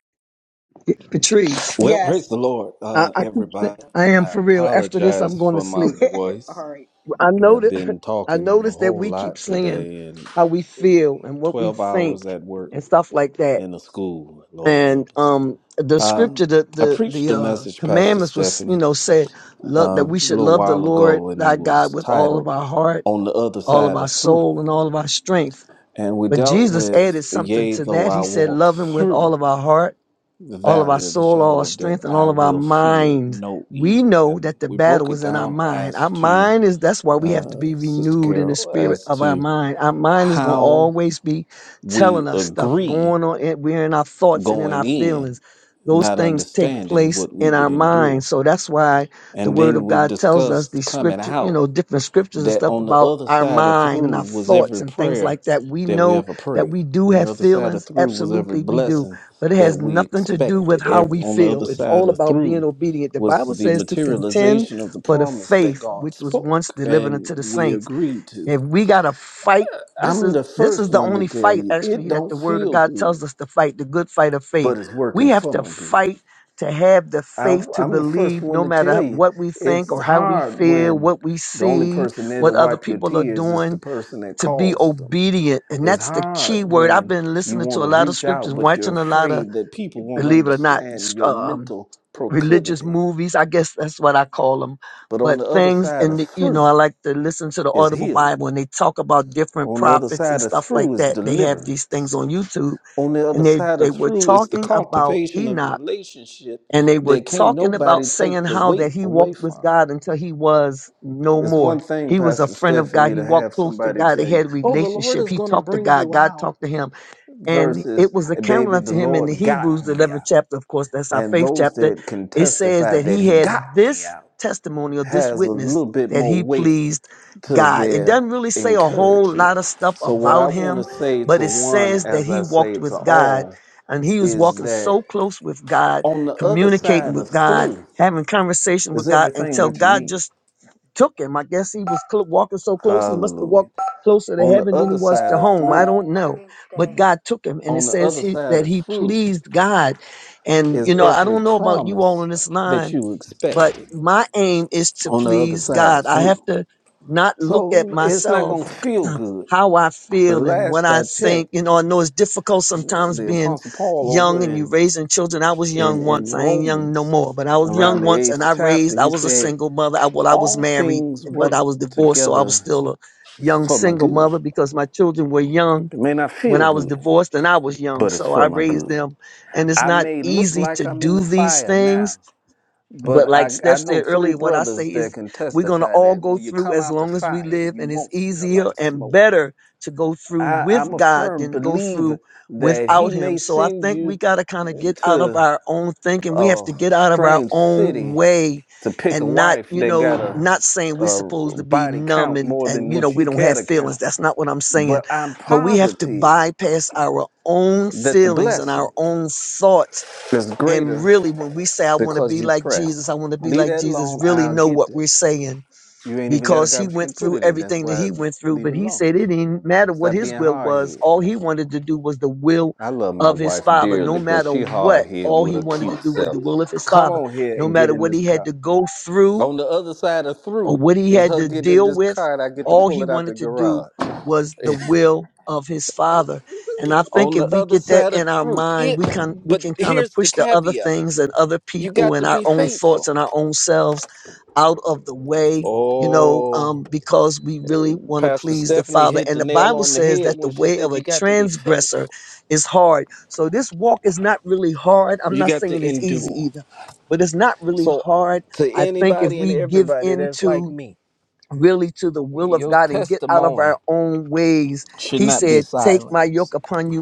[SPEAKER 10] Patrice.
[SPEAKER 11] Well,
[SPEAKER 1] Yes.
[SPEAKER 11] praise the Lord,
[SPEAKER 10] I,
[SPEAKER 11] uh,
[SPEAKER 10] I keep saying,
[SPEAKER 11] everybody.
[SPEAKER 10] I am
[SPEAKER 11] I
[SPEAKER 10] for real. After this, I'm
[SPEAKER 11] apologize
[SPEAKER 10] going to
[SPEAKER 11] for my
[SPEAKER 10] sleep.
[SPEAKER 1] (laughs) all
[SPEAKER 11] voice.
[SPEAKER 1] right.
[SPEAKER 10] I
[SPEAKER 11] I've
[SPEAKER 10] noticed,
[SPEAKER 11] been
[SPEAKER 10] (laughs) I
[SPEAKER 11] talking a
[SPEAKER 10] noticed that
[SPEAKER 11] whole
[SPEAKER 10] we keep
[SPEAKER 11] lot
[SPEAKER 10] saying
[SPEAKER 11] today and
[SPEAKER 10] how we feel and what we
[SPEAKER 11] 12 hours
[SPEAKER 10] think
[SPEAKER 11] at work
[SPEAKER 10] and stuff like that.
[SPEAKER 11] in a school. Lord
[SPEAKER 10] And
[SPEAKER 11] help us.
[SPEAKER 10] um, the scripture, the
[SPEAKER 11] I
[SPEAKER 10] the
[SPEAKER 11] preached
[SPEAKER 10] the
[SPEAKER 11] a
[SPEAKER 10] uh,
[SPEAKER 11] message, Pastor
[SPEAKER 10] commandments was, you
[SPEAKER 11] Stephanie,
[SPEAKER 10] know, said love that we
[SPEAKER 11] a
[SPEAKER 10] should
[SPEAKER 11] little
[SPEAKER 10] love the
[SPEAKER 11] while
[SPEAKER 10] Lord
[SPEAKER 11] ago, and it
[SPEAKER 10] thy God
[SPEAKER 11] was
[SPEAKER 10] with all of
[SPEAKER 11] titled
[SPEAKER 10] our heart,
[SPEAKER 11] On the Other
[SPEAKER 10] all of
[SPEAKER 11] Side
[SPEAKER 10] our
[SPEAKER 11] of Through.
[SPEAKER 10] soul, and all of our strength.
[SPEAKER 11] And we
[SPEAKER 10] But
[SPEAKER 11] dealt
[SPEAKER 10] Jesus
[SPEAKER 11] with,
[SPEAKER 10] added something
[SPEAKER 11] Yea,
[SPEAKER 10] to
[SPEAKER 11] though
[SPEAKER 10] that.
[SPEAKER 11] I
[SPEAKER 10] He said,
[SPEAKER 11] walk
[SPEAKER 10] "Love him with all
[SPEAKER 11] through
[SPEAKER 10] of our heart."
[SPEAKER 11] the
[SPEAKER 10] all of our
[SPEAKER 11] valley of the
[SPEAKER 10] soul, all our
[SPEAKER 11] shadow of death,
[SPEAKER 10] strength, and
[SPEAKER 11] I
[SPEAKER 10] all of our
[SPEAKER 11] will fear
[SPEAKER 10] mind.
[SPEAKER 11] no
[SPEAKER 10] We
[SPEAKER 11] evil.
[SPEAKER 10] know
[SPEAKER 11] And
[SPEAKER 10] that the
[SPEAKER 11] we broke
[SPEAKER 10] battle
[SPEAKER 11] it
[SPEAKER 10] is in our
[SPEAKER 11] down
[SPEAKER 10] mind. Our
[SPEAKER 11] as to
[SPEAKER 10] mind is that's why we have to be
[SPEAKER 11] Sister
[SPEAKER 10] renewed in the
[SPEAKER 11] Carol,
[SPEAKER 10] spirit
[SPEAKER 11] as
[SPEAKER 10] of our
[SPEAKER 11] to
[SPEAKER 10] mind. Our mind is gonna
[SPEAKER 11] how
[SPEAKER 10] always be telling
[SPEAKER 11] we
[SPEAKER 10] us stuff
[SPEAKER 11] agree
[SPEAKER 10] going on. in- We're in our thoughts and in
[SPEAKER 11] going
[SPEAKER 10] our
[SPEAKER 11] in,
[SPEAKER 10] feelings. Those
[SPEAKER 11] not
[SPEAKER 10] things take
[SPEAKER 11] understanding
[SPEAKER 10] place
[SPEAKER 11] what we
[SPEAKER 10] in
[SPEAKER 11] would
[SPEAKER 10] our mind.
[SPEAKER 11] endure.
[SPEAKER 10] So that's why the
[SPEAKER 11] And
[SPEAKER 10] word
[SPEAKER 11] then
[SPEAKER 10] of
[SPEAKER 11] we
[SPEAKER 10] God tells us
[SPEAKER 11] discussed
[SPEAKER 10] these
[SPEAKER 11] coming
[SPEAKER 10] scripture, you
[SPEAKER 11] out
[SPEAKER 10] know, different scriptures and
[SPEAKER 11] that
[SPEAKER 10] stuff
[SPEAKER 11] on the
[SPEAKER 10] about
[SPEAKER 11] other
[SPEAKER 10] our
[SPEAKER 11] side of
[SPEAKER 10] mind
[SPEAKER 11] through
[SPEAKER 10] and our
[SPEAKER 11] was
[SPEAKER 10] thoughts
[SPEAKER 11] every
[SPEAKER 10] and things
[SPEAKER 11] prayer
[SPEAKER 10] like that. We
[SPEAKER 11] that we
[SPEAKER 10] know
[SPEAKER 11] ever
[SPEAKER 10] that
[SPEAKER 11] prayed.
[SPEAKER 10] we do
[SPEAKER 11] On the
[SPEAKER 10] have
[SPEAKER 11] other side of
[SPEAKER 10] feelings.
[SPEAKER 11] through was every
[SPEAKER 10] Absolutely, we do
[SPEAKER 11] blessing
[SPEAKER 10] but it
[SPEAKER 11] that
[SPEAKER 10] has
[SPEAKER 11] we
[SPEAKER 10] nothing to do with
[SPEAKER 11] expected.
[SPEAKER 10] how
[SPEAKER 11] Every,
[SPEAKER 10] we
[SPEAKER 11] on the other
[SPEAKER 10] feel. It's
[SPEAKER 11] side
[SPEAKER 10] all
[SPEAKER 11] of
[SPEAKER 10] about being
[SPEAKER 11] through
[SPEAKER 10] obedient. The
[SPEAKER 11] was
[SPEAKER 10] Bible
[SPEAKER 11] the
[SPEAKER 10] says to contend
[SPEAKER 11] materialization of the
[SPEAKER 10] for the
[SPEAKER 11] promise that
[SPEAKER 10] faith
[SPEAKER 11] God
[SPEAKER 10] which was once
[SPEAKER 11] spoke
[SPEAKER 10] delivered
[SPEAKER 11] and
[SPEAKER 10] unto the
[SPEAKER 11] we
[SPEAKER 10] saints.
[SPEAKER 11] agreed to.
[SPEAKER 10] If we got to fight, this
[SPEAKER 11] I'm
[SPEAKER 10] is
[SPEAKER 11] the
[SPEAKER 10] this
[SPEAKER 11] first
[SPEAKER 10] is the
[SPEAKER 11] one to
[SPEAKER 10] only
[SPEAKER 11] tell
[SPEAKER 10] fight
[SPEAKER 11] you it
[SPEAKER 10] actually that
[SPEAKER 11] don't
[SPEAKER 10] the Word of
[SPEAKER 11] feel
[SPEAKER 10] God
[SPEAKER 11] good,
[SPEAKER 10] tells us to fight, the good fight of faith.
[SPEAKER 11] but it's
[SPEAKER 10] We
[SPEAKER 11] working
[SPEAKER 10] have
[SPEAKER 11] for
[SPEAKER 10] to
[SPEAKER 11] my good.
[SPEAKER 10] fight to have the
[SPEAKER 11] I,
[SPEAKER 10] faith to
[SPEAKER 11] I'm the first
[SPEAKER 10] believe
[SPEAKER 11] one
[SPEAKER 10] no
[SPEAKER 11] to
[SPEAKER 10] matter
[SPEAKER 11] tell you
[SPEAKER 10] what we think
[SPEAKER 11] it's
[SPEAKER 10] or how we
[SPEAKER 11] hard
[SPEAKER 10] feel,
[SPEAKER 11] when
[SPEAKER 10] what we
[SPEAKER 11] the only
[SPEAKER 10] see,
[SPEAKER 11] person there to
[SPEAKER 10] what other
[SPEAKER 11] wipe your
[SPEAKER 10] people are
[SPEAKER 11] tears is the
[SPEAKER 10] doing,
[SPEAKER 11] person that
[SPEAKER 10] to be
[SPEAKER 11] caused them.
[SPEAKER 10] obedient. And
[SPEAKER 11] It's
[SPEAKER 10] that's the
[SPEAKER 11] hard
[SPEAKER 10] key word. I've
[SPEAKER 11] when
[SPEAKER 10] been
[SPEAKER 11] you
[SPEAKER 10] listening to
[SPEAKER 11] want
[SPEAKER 10] a
[SPEAKER 11] to
[SPEAKER 10] lot of
[SPEAKER 11] reach
[SPEAKER 10] scriptures,
[SPEAKER 11] out, but you're
[SPEAKER 10] watching a lot of
[SPEAKER 11] afraid that people won't
[SPEAKER 10] believe it or not,
[SPEAKER 11] understand
[SPEAKER 10] s-
[SPEAKER 11] your
[SPEAKER 10] um,
[SPEAKER 11] mental
[SPEAKER 10] religious
[SPEAKER 11] proclivity.
[SPEAKER 10] movies. I guess that's what I call them.
[SPEAKER 11] But on
[SPEAKER 10] But
[SPEAKER 11] the other
[SPEAKER 10] things
[SPEAKER 11] side
[SPEAKER 10] in
[SPEAKER 11] of
[SPEAKER 10] the, you know,
[SPEAKER 11] through
[SPEAKER 10] I like to listen to the
[SPEAKER 11] is
[SPEAKER 10] Audible
[SPEAKER 11] healing.
[SPEAKER 10] Bible and they talk about different
[SPEAKER 11] On the other
[SPEAKER 10] prophets and
[SPEAKER 11] side of
[SPEAKER 10] stuff like
[SPEAKER 11] through is
[SPEAKER 10] that. They have these things
[SPEAKER 11] deliverance.
[SPEAKER 10] on YouTube
[SPEAKER 11] on the other
[SPEAKER 10] and they,
[SPEAKER 11] side
[SPEAKER 10] they
[SPEAKER 11] of
[SPEAKER 10] were
[SPEAKER 11] through is the
[SPEAKER 10] talking about
[SPEAKER 11] cultivation of a
[SPEAKER 10] Enoch
[SPEAKER 11] relationship
[SPEAKER 10] and they were
[SPEAKER 11] that can't
[SPEAKER 10] talking about
[SPEAKER 11] nobody
[SPEAKER 10] saying
[SPEAKER 11] take the
[SPEAKER 10] how that
[SPEAKER 11] weight
[SPEAKER 10] he
[SPEAKER 11] away
[SPEAKER 10] walked with
[SPEAKER 11] from.
[SPEAKER 10] God until he was no
[SPEAKER 11] It's
[SPEAKER 10] more.
[SPEAKER 11] one thing,
[SPEAKER 10] He was a
[SPEAKER 11] Pastor
[SPEAKER 10] friend of God.
[SPEAKER 11] Stephanie,
[SPEAKER 10] He
[SPEAKER 11] to
[SPEAKER 10] walked
[SPEAKER 11] have
[SPEAKER 10] close to
[SPEAKER 11] somebody
[SPEAKER 10] God. They
[SPEAKER 11] tell you,
[SPEAKER 10] had a
[SPEAKER 11] oh, the Lord
[SPEAKER 10] relationship.
[SPEAKER 11] is
[SPEAKER 10] He
[SPEAKER 11] going to
[SPEAKER 10] talked to
[SPEAKER 11] bring
[SPEAKER 10] God.
[SPEAKER 11] you
[SPEAKER 10] God
[SPEAKER 11] out,
[SPEAKER 10] talked to him and it
[SPEAKER 11] versus,
[SPEAKER 10] was accounted
[SPEAKER 11] baby, the
[SPEAKER 10] unto him in the
[SPEAKER 11] Lord
[SPEAKER 10] Hebrews,
[SPEAKER 11] got
[SPEAKER 10] the
[SPEAKER 11] me
[SPEAKER 10] 11th
[SPEAKER 11] out.
[SPEAKER 10] chapter. Of course, that's our
[SPEAKER 11] And
[SPEAKER 10] faith
[SPEAKER 11] those
[SPEAKER 10] chapter.
[SPEAKER 11] that can
[SPEAKER 10] It says
[SPEAKER 11] testify
[SPEAKER 10] that
[SPEAKER 11] that
[SPEAKER 10] he
[SPEAKER 11] He
[SPEAKER 10] had
[SPEAKER 11] got me
[SPEAKER 10] this
[SPEAKER 11] out
[SPEAKER 10] testimony or this
[SPEAKER 11] has a
[SPEAKER 10] witness
[SPEAKER 11] little bit
[SPEAKER 10] that
[SPEAKER 11] more
[SPEAKER 10] he
[SPEAKER 11] weight
[SPEAKER 10] pleased
[SPEAKER 11] to
[SPEAKER 10] God. It
[SPEAKER 11] their
[SPEAKER 10] doesn't really say a whole
[SPEAKER 11] encouragement.
[SPEAKER 10] lot of stuff
[SPEAKER 11] So, what I
[SPEAKER 10] about
[SPEAKER 11] want to
[SPEAKER 10] him,
[SPEAKER 11] say
[SPEAKER 10] but
[SPEAKER 11] to
[SPEAKER 10] it
[SPEAKER 11] one,
[SPEAKER 10] says that
[SPEAKER 11] as
[SPEAKER 10] he
[SPEAKER 11] I
[SPEAKER 10] walked
[SPEAKER 11] say to
[SPEAKER 10] with God
[SPEAKER 11] all,
[SPEAKER 10] and he was
[SPEAKER 11] is
[SPEAKER 10] walking
[SPEAKER 11] that
[SPEAKER 10] so close with God,
[SPEAKER 11] On the other
[SPEAKER 10] communicating
[SPEAKER 11] side
[SPEAKER 10] with
[SPEAKER 11] of
[SPEAKER 10] God,
[SPEAKER 11] through
[SPEAKER 10] having conversation with
[SPEAKER 11] is
[SPEAKER 10] God
[SPEAKER 11] everything
[SPEAKER 10] until
[SPEAKER 11] that you
[SPEAKER 10] God
[SPEAKER 11] need.
[SPEAKER 10] just took him. I guess he was cl- walking so close, he must have
[SPEAKER 11] Hallelujah.
[SPEAKER 10] walked closer to
[SPEAKER 11] On the
[SPEAKER 10] heaven than he
[SPEAKER 11] other
[SPEAKER 10] was
[SPEAKER 11] side
[SPEAKER 10] to
[SPEAKER 11] of
[SPEAKER 10] home. I
[SPEAKER 11] through,
[SPEAKER 10] don't know. But God took him, and it
[SPEAKER 11] on the
[SPEAKER 10] says
[SPEAKER 11] other
[SPEAKER 10] he,
[SPEAKER 11] side
[SPEAKER 10] that
[SPEAKER 11] of
[SPEAKER 10] he
[SPEAKER 11] through
[SPEAKER 10] pleased God. And, you
[SPEAKER 11] is
[SPEAKER 10] know, I
[SPEAKER 11] every
[SPEAKER 10] don't know about you all
[SPEAKER 11] promise
[SPEAKER 10] on this line
[SPEAKER 11] that you
[SPEAKER 10] but
[SPEAKER 11] expected
[SPEAKER 10] my aim is to
[SPEAKER 11] on the other
[SPEAKER 10] please
[SPEAKER 11] side of
[SPEAKER 10] God. I have
[SPEAKER 11] through.
[SPEAKER 10] to not look at
[SPEAKER 11] So it's not going
[SPEAKER 10] myself,
[SPEAKER 11] to feel
[SPEAKER 10] (clears throat)
[SPEAKER 11] good.
[SPEAKER 10] how I
[SPEAKER 11] But
[SPEAKER 10] feel and what
[SPEAKER 11] last
[SPEAKER 10] I
[SPEAKER 11] I checked,
[SPEAKER 10] think. You know, I know it's difficult sometimes
[SPEAKER 11] the
[SPEAKER 10] being
[SPEAKER 11] Apostle Paul
[SPEAKER 10] young
[SPEAKER 11] over
[SPEAKER 10] and you
[SPEAKER 11] in,
[SPEAKER 10] raising children. I was
[SPEAKER 11] in,
[SPEAKER 10] young
[SPEAKER 11] in
[SPEAKER 10] once. I ain't young no
[SPEAKER 11] Romans,
[SPEAKER 10] more, but I was young
[SPEAKER 11] around the
[SPEAKER 10] once and
[SPEAKER 11] eighth
[SPEAKER 10] I
[SPEAKER 11] chapter,
[SPEAKER 10] raised, I
[SPEAKER 11] he
[SPEAKER 10] was a
[SPEAKER 11] said,
[SPEAKER 10] single mother. I, well, I was
[SPEAKER 11] All
[SPEAKER 10] married,
[SPEAKER 11] things
[SPEAKER 10] but
[SPEAKER 11] work
[SPEAKER 10] I was divorced. So I was
[SPEAKER 11] together
[SPEAKER 10] still a young
[SPEAKER 11] for my
[SPEAKER 10] single
[SPEAKER 11] good.
[SPEAKER 10] mother because my children were young
[SPEAKER 11] It may not
[SPEAKER 10] when
[SPEAKER 11] feel
[SPEAKER 10] I was
[SPEAKER 11] good,
[SPEAKER 10] divorced and I was young.
[SPEAKER 11] but it's
[SPEAKER 10] So I
[SPEAKER 11] for my
[SPEAKER 10] raised
[SPEAKER 11] good.
[SPEAKER 10] them and it's
[SPEAKER 11] I
[SPEAKER 10] not
[SPEAKER 11] may look
[SPEAKER 10] easy
[SPEAKER 11] like
[SPEAKER 10] to
[SPEAKER 11] I'm in
[SPEAKER 10] do
[SPEAKER 11] the
[SPEAKER 10] these
[SPEAKER 11] fire
[SPEAKER 10] things
[SPEAKER 11] now, but
[SPEAKER 10] but like
[SPEAKER 11] I, I
[SPEAKER 10] Steph
[SPEAKER 11] know
[SPEAKER 10] said
[SPEAKER 11] three
[SPEAKER 10] earlier, what I say
[SPEAKER 11] brothers that
[SPEAKER 10] is
[SPEAKER 11] can
[SPEAKER 10] we're going to
[SPEAKER 11] testify
[SPEAKER 10] all
[SPEAKER 11] that
[SPEAKER 10] go
[SPEAKER 11] when you
[SPEAKER 10] through
[SPEAKER 11] come
[SPEAKER 10] as
[SPEAKER 11] out the
[SPEAKER 10] long as we
[SPEAKER 11] fire,
[SPEAKER 10] live,
[SPEAKER 11] you
[SPEAKER 10] and it's
[SPEAKER 11] won't smell
[SPEAKER 10] easier
[SPEAKER 11] like
[SPEAKER 10] and
[SPEAKER 11] smoke.
[SPEAKER 10] better to go through
[SPEAKER 11] I, I'm
[SPEAKER 10] with
[SPEAKER 11] a
[SPEAKER 10] God
[SPEAKER 11] firm
[SPEAKER 10] than to go through
[SPEAKER 11] believer that he
[SPEAKER 10] without Him.
[SPEAKER 11] may
[SPEAKER 10] So I
[SPEAKER 11] send
[SPEAKER 10] think we
[SPEAKER 11] you
[SPEAKER 10] got to kind of get out of
[SPEAKER 11] to
[SPEAKER 10] our own thinking. We have
[SPEAKER 11] a
[SPEAKER 10] to get out of our
[SPEAKER 11] strange
[SPEAKER 10] own
[SPEAKER 11] city
[SPEAKER 10] way
[SPEAKER 11] to pick a
[SPEAKER 10] and not,
[SPEAKER 11] wife
[SPEAKER 10] you
[SPEAKER 11] that got
[SPEAKER 10] know,
[SPEAKER 11] a,
[SPEAKER 10] not saying we're supposed
[SPEAKER 11] a
[SPEAKER 10] to be
[SPEAKER 11] body
[SPEAKER 10] numb
[SPEAKER 11] count
[SPEAKER 10] and,
[SPEAKER 11] more than
[SPEAKER 10] and, you know,
[SPEAKER 11] what
[SPEAKER 10] we
[SPEAKER 11] you
[SPEAKER 10] don't
[SPEAKER 11] care
[SPEAKER 10] have
[SPEAKER 11] to
[SPEAKER 10] feelings.
[SPEAKER 11] count.
[SPEAKER 10] That's not what I'm saying.
[SPEAKER 11] But I'm
[SPEAKER 10] But we have to
[SPEAKER 11] positive
[SPEAKER 10] bypass our own
[SPEAKER 11] that the
[SPEAKER 10] feelings and our
[SPEAKER 11] blessing
[SPEAKER 10] own thoughts
[SPEAKER 11] is
[SPEAKER 10] and
[SPEAKER 11] greater
[SPEAKER 10] really, when we say, I want to
[SPEAKER 11] because
[SPEAKER 10] be
[SPEAKER 11] you
[SPEAKER 10] like
[SPEAKER 11] press.
[SPEAKER 10] Jesus, I want to be
[SPEAKER 11] Leave
[SPEAKER 10] like
[SPEAKER 11] that alone,
[SPEAKER 10] Jesus, really
[SPEAKER 11] I'll
[SPEAKER 10] know
[SPEAKER 11] get
[SPEAKER 10] what
[SPEAKER 11] there.
[SPEAKER 10] we're saying
[SPEAKER 11] You ain't even got a
[SPEAKER 10] because he
[SPEAKER 11] garbage can
[SPEAKER 10] went
[SPEAKER 11] to put
[SPEAKER 10] through
[SPEAKER 11] it in. That's
[SPEAKER 10] everything that
[SPEAKER 11] why I
[SPEAKER 10] he went through,
[SPEAKER 11] leave
[SPEAKER 10] but
[SPEAKER 11] it
[SPEAKER 10] he
[SPEAKER 11] alone.
[SPEAKER 10] said it didn't matter what
[SPEAKER 11] Stop
[SPEAKER 10] his
[SPEAKER 11] being
[SPEAKER 10] will
[SPEAKER 11] hard
[SPEAKER 10] was.
[SPEAKER 11] head.
[SPEAKER 10] All he wanted to do was the will
[SPEAKER 11] I love my
[SPEAKER 10] of his
[SPEAKER 11] wife
[SPEAKER 10] father. No
[SPEAKER 11] dearly, but
[SPEAKER 10] matter
[SPEAKER 11] she hard
[SPEAKER 10] what,
[SPEAKER 11] head
[SPEAKER 10] all
[SPEAKER 11] with
[SPEAKER 10] he
[SPEAKER 11] a
[SPEAKER 10] wanted to
[SPEAKER 11] cute
[SPEAKER 10] do was
[SPEAKER 11] self.
[SPEAKER 10] the will of his
[SPEAKER 11] Come
[SPEAKER 10] father.
[SPEAKER 11] on here
[SPEAKER 10] No
[SPEAKER 11] and get
[SPEAKER 10] matter
[SPEAKER 11] in
[SPEAKER 10] what
[SPEAKER 11] this
[SPEAKER 10] he had
[SPEAKER 11] car.
[SPEAKER 10] to go through,
[SPEAKER 11] On the other side of
[SPEAKER 10] or
[SPEAKER 11] through
[SPEAKER 10] what he
[SPEAKER 11] is
[SPEAKER 10] had
[SPEAKER 11] her
[SPEAKER 10] to
[SPEAKER 11] getting in
[SPEAKER 10] deal
[SPEAKER 11] this
[SPEAKER 10] with.
[SPEAKER 11] car and I get to
[SPEAKER 10] All
[SPEAKER 11] pull
[SPEAKER 10] he
[SPEAKER 11] it out the
[SPEAKER 10] wanted to do
[SPEAKER 11] garage. (laughs)
[SPEAKER 10] was the will of his father. And I think
[SPEAKER 11] on
[SPEAKER 10] if
[SPEAKER 11] the
[SPEAKER 10] we
[SPEAKER 11] other
[SPEAKER 10] get that
[SPEAKER 11] side of
[SPEAKER 10] in our
[SPEAKER 11] through
[SPEAKER 10] mind,
[SPEAKER 11] it
[SPEAKER 10] we can we
[SPEAKER 11] but
[SPEAKER 10] can kind of
[SPEAKER 11] here's the
[SPEAKER 10] push the other
[SPEAKER 11] caveat.
[SPEAKER 10] things and other
[SPEAKER 11] You
[SPEAKER 10] people
[SPEAKER 11] got
[SPEAKER 10] and
[SPEAKER 11] to
[SPEAKER 10] our
[SPEAKER 11] be
[SPEAKER 10] own thoughts
[SPEAKER 11] faithful.
[SPEAKER 10] and our own selves out of the way, you know,
[SPEAKER 11] Oh
[SPEAKER 10] um, because we really want to
[SPEAKER 11] Pastor
[SPEAKER 10] please the
[SPEAKER 11] Stephanie
[SPEAKER 10] Father.
[SPEAKER 11] hit
[SPEAKER 10] And
[SPEAKER 11] the
[SPEAKER 10] the
[SPEAKER 11] nail
[SPEAKER 10] Bible
[SPEAKER 11] on the
[SPEAKER 10] says
[SPEAKER 11] head
[SPEAKER 10] that the
[SPEAKER 11] when she
[SPEAKER 10] way of
[SPEAKER 11] said
[SPEAKER 10] a
[SPEAKER 11] you got to be
[SPEAKER 10] transgressor
[SPEAKER 11] faithful.
[SPEAKER 10] is hard. So this walk is not really hard. I'm
[SPEAKER 11] You
[SPEAKER 10] not
[SPEAKER 11] got
[SPEAKER 10] saying
[SPEAKER 11] to
[SPEAKER 10] it's easy
[SPEAKER 11] endure.
[SPEAKER 10] either, but it's not really
[SPEAKER 11] So,
[SPEAKER 10] hard
[SPEAKER 11] to
[SPEAKER 10] I think if
[SPEAKER 11] anybody and
[SPEAKER 10] we give
[SPEAKER 11] everybody
[SPEAKER 10] in
[SPEAKER 11] that's like
[SPEAKER 10] to
[SPEAKER 11] me,
[SPEAKER 10] really to the will of
[SPEAKER 11] your
[SPEAKER 10] God and get out of our
[SPEAKER 11] testimony
[SPEAKER 10] own ways,
[SPEAKER 11] should
[SPEAKER 10] he
[SPEAKER 11] not be
[SPEAKER 10] said, Take my yoke
[SPEAKER 11] silenced.
[SPEAKER 10] upon you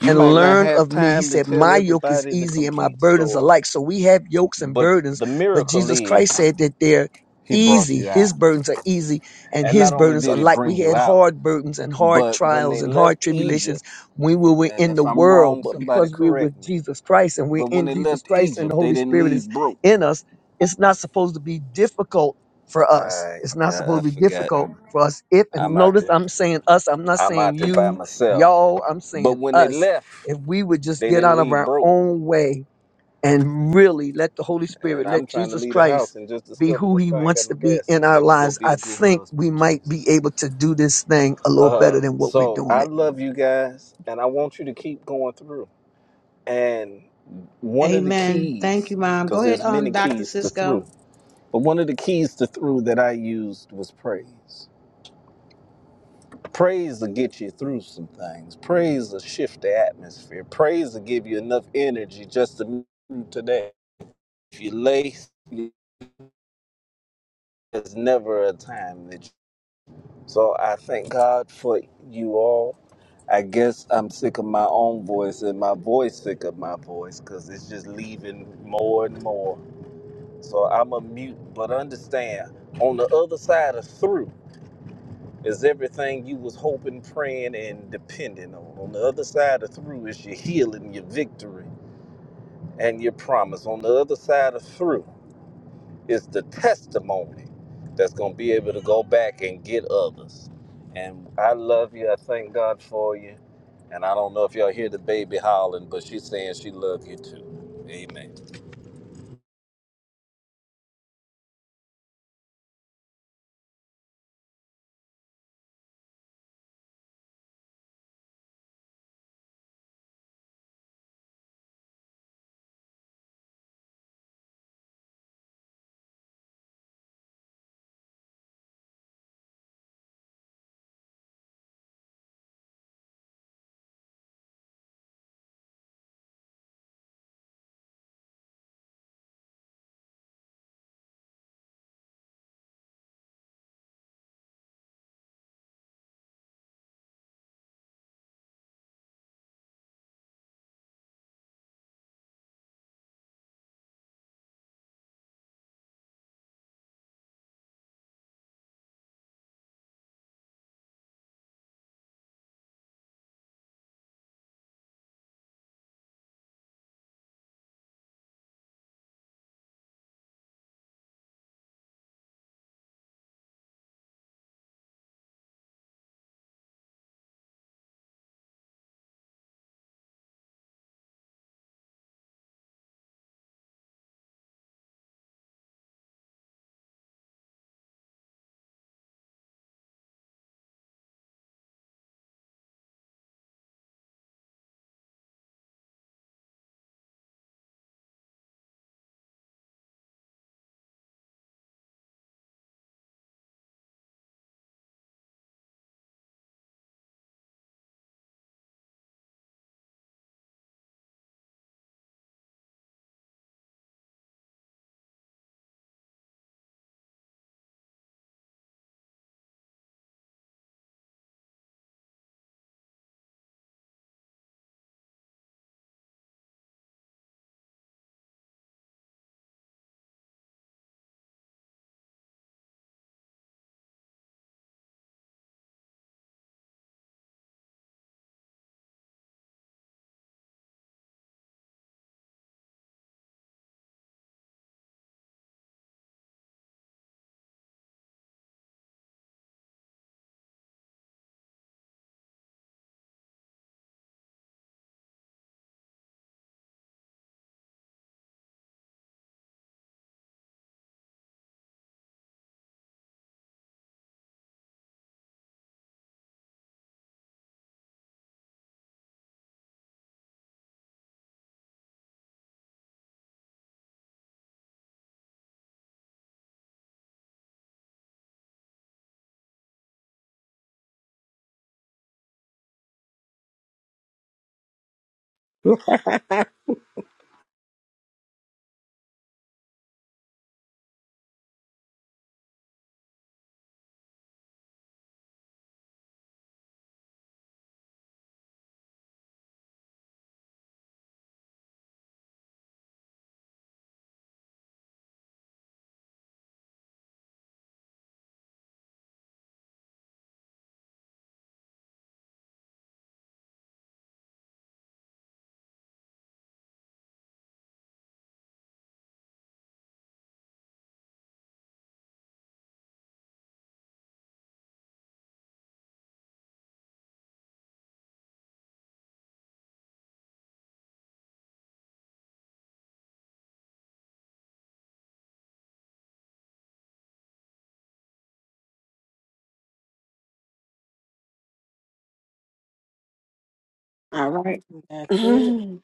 [SPEAKER 11] You
[SPEAKER 10] and
[SPEAKER 11] might not
[SPEAKER 10] learn
[SPEAKER 11] have
[SPEAKER 10] of me. He
[SPEAKER 11] time to
[SPEAKER 10] said,
[SPEAKER 11] tell
[SPEAKER 10] My yoke is
[SPEAKER 11] everybody the
[SPEAKER 10] easy and my
[SPEAKER 11] complete
[SPEAKER 10] burdens are
[SPEAKER 11] story,
[SPEAKER 10] light. So we have yokes and
[SPEAKER 11] but
[SPEAKER 10] burdens,
[SPEAKER 11] the
[SPEAKER 10] but
[SPEAKER 11] miracle
[SPEAKER 10] Jesus
[SPEAKER 11] is
[SPEAKER 10] Christ said that they're
[SPEAKER 11] he brought
[SPEAKER 10] easy.
[SPEAKER 11] you out.
[SPEAKER 10] His burdens are easy and
[SPEAKER 11] And
[SPEAKER 10] his
[SPEAKER 11] not only
[SPEAKER 10] burdens are
[SPEAKER 11] did he
[SPEAKER 10] light. We
[SPEAKER 11] bring you
[SPEAKER 10] had
[SPEAKER 11] out,
[SPEAKER 10] hard burdens and hard
[SPEAKER 11] but when
[SPEAKER 10] trials
[SPEAKER 11] they
[SPEAKER 10] and hard
[SPEAKER 11] left
[SPEAKER 10] tribulations
[SPEAKER 11] Egypt,
[SPEAKER 10] when we were
[SPEAKER 11] and
[SPEAKER 10] in
[SPEAKER 11] if
[SPEAKER 10] the
[SPEAKER 11] I'm
[SPEAKER 10] world,
[SPEAKER 11] wrong,
[SPEAKER 10] but
[SPEAKER 11] somebody
[SPEAKER 10] because we're
[SPEAKER 11] correct
[SPEAKER 10] with
[SPEAKER 11] me,
[SPEAKER 10] Jesus Christ and we're
[SPEAKER 11] but when
[SPEAKER 10] in
[SPEAKER 11] they
[SPEAKER 10] Jesus
[SPEAKER 11] left
[SPEAKER 10] Christ and the
[SPEAKER 11] Egypt, they
[SPEAKER 10] Holy
[SPEAKER 11] didn't
[SPEAKER 10] Spirit
[SPEAKER 11] leave
[SPEAKER 10] is
[SPEAKER 11] broke.
[SPEAKER 10] in us, it's not supposed to be difficult for
[SPEAKER 11] All
[SPEAKER 10] us.
[SPEAKER 11] right,
[SPEAKER 10] It's not
[SPEAKER 11] yeah, I
[SPEAKER 10] supposed to be
[SPEAKER 11] forgot.
[SPEAKER 10] difficult
[SPEAKER 11] I'm,
[SPEAKER 10] for us. If, and
[SPEAKER 11] I'm out
[SPEAKER 10] notice
[SPEAKER 11] there.
[SPEAKER 10] I'm saying us, I'm not
[SPEAKER 11] I'm
[SPEAKER 10] saying
[SPEAKER 11] out there by
[SPEAKER 10] you,
[SPEAKER 11] myself.
[SPEAKER 10] y'all, I'm
[SPEAKER 11] But
[SPEAKER 10] saying
[SPEAKER 11] when they
[SPEAKER 10] us
[SPEAKER 11] left,
[SPEAKER 10] if we would just
[SPEAKER 11] They
[SPEAKER 10] get
[SPEAKER 11] didn't
[SPEAKER 10] out of
[SPEAKER 11] leave
[SPEAKER 10] our
[SPEAKER 11] broke.
[SPEAKER 10] own way and really let the Holy Spirit,
[SPEAKER 11] And I'm
[SPEAKER 10] let
[SPEAKER 11] trying to
[SPEAKER 10] Jesus
[SPEAKER 11] leave the
[SPEAKER 10] Christ
[SPEAKER 11] house and just
[SPEAKER 10] be
[SPEAKER 11] discovered
[SPEAKER 10] who
[SPEAKER 11] this
[SPEAKER 10] he
[SPEAKER 11] car ain't
[SPEAKER 10] wants
[SPEAKER 11] got
[SPEAKER 10] to
[SPEAKER 11] no
[SPEAKER 10] be
[SPEAKER 11] gas
[SPEAKER 10] in
[SPEAKER 11] in it.
[SPEAKER 10] our
[SPEAKER 11] Let me go
[SPEAKER 10] lives,
[SPEAKER 11] be
[SPEAKER 10] I
[SPEAKER 11] a good
[SPEAKER 10] think we
[SPEAKER 11] husband,
[SPEAKER 10] might be
[SPEAKER 11] Jesus.
[SPEAKER 10] able to do this thing a little
[SPEAKER 11] Uh,
[SPEAKER 10] better than what we're
[SPEAKER 11] so
[SPEAKER 10] doing
[SPEAKER 11] I
[SPEAKER 10] it.
[SPEAKER 11] love you guys and I want you to keep going through. And one of the
[SPEAKER 1] Amen. Thank you,
[SPEAKER 11] keys,
[SPEAKER 1] Mom. Go
[SPEAKER 11] because
[SPEAKER 1] ahead,
[SPEAKER 11] there's many
[SPEAKER 1] um, Dr.
[SPEAKER 11] keys to
[SPEAKER 1] Cisco.
[SPEAKER 11] through, but one of the keys to through that I used was praise. Praise will get you through some things. Praise will shift the atmosphere. Praise will give you enough energy just to move today. If you lace, there's never a time that So I thank God for you all. I guess I'm sick of my own voice and my voice sick of my voice because it's just leaving more and more. So I'm a mute, but understand on the other side of through is everything you was hoping, praying, and depending on. On the other side of through is your healing, your victory, and your promise. On the other side of through It's the testimony that's going to be able to go back and get others. And I love you. I thank God for you. And I don't know if y'all hear the baby howling, but she's saying she loves you too. Amen.
[SPEAKER 7] All right. (laughs)
[SPEAKER 6] That's it.
[SPEAKER 7] (clears throat)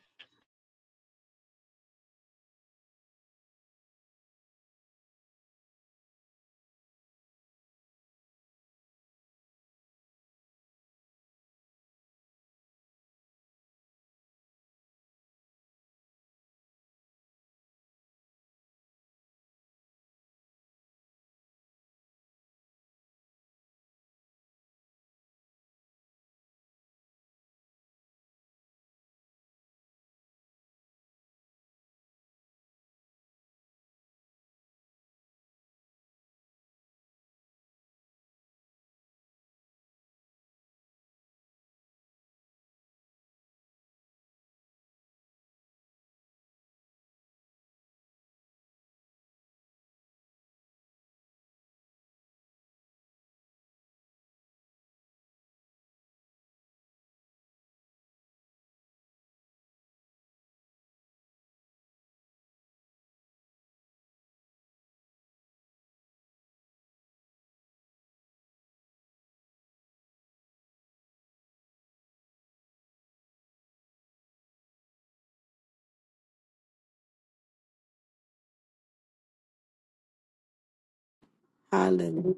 [SPEAKER 7] Hallelujah.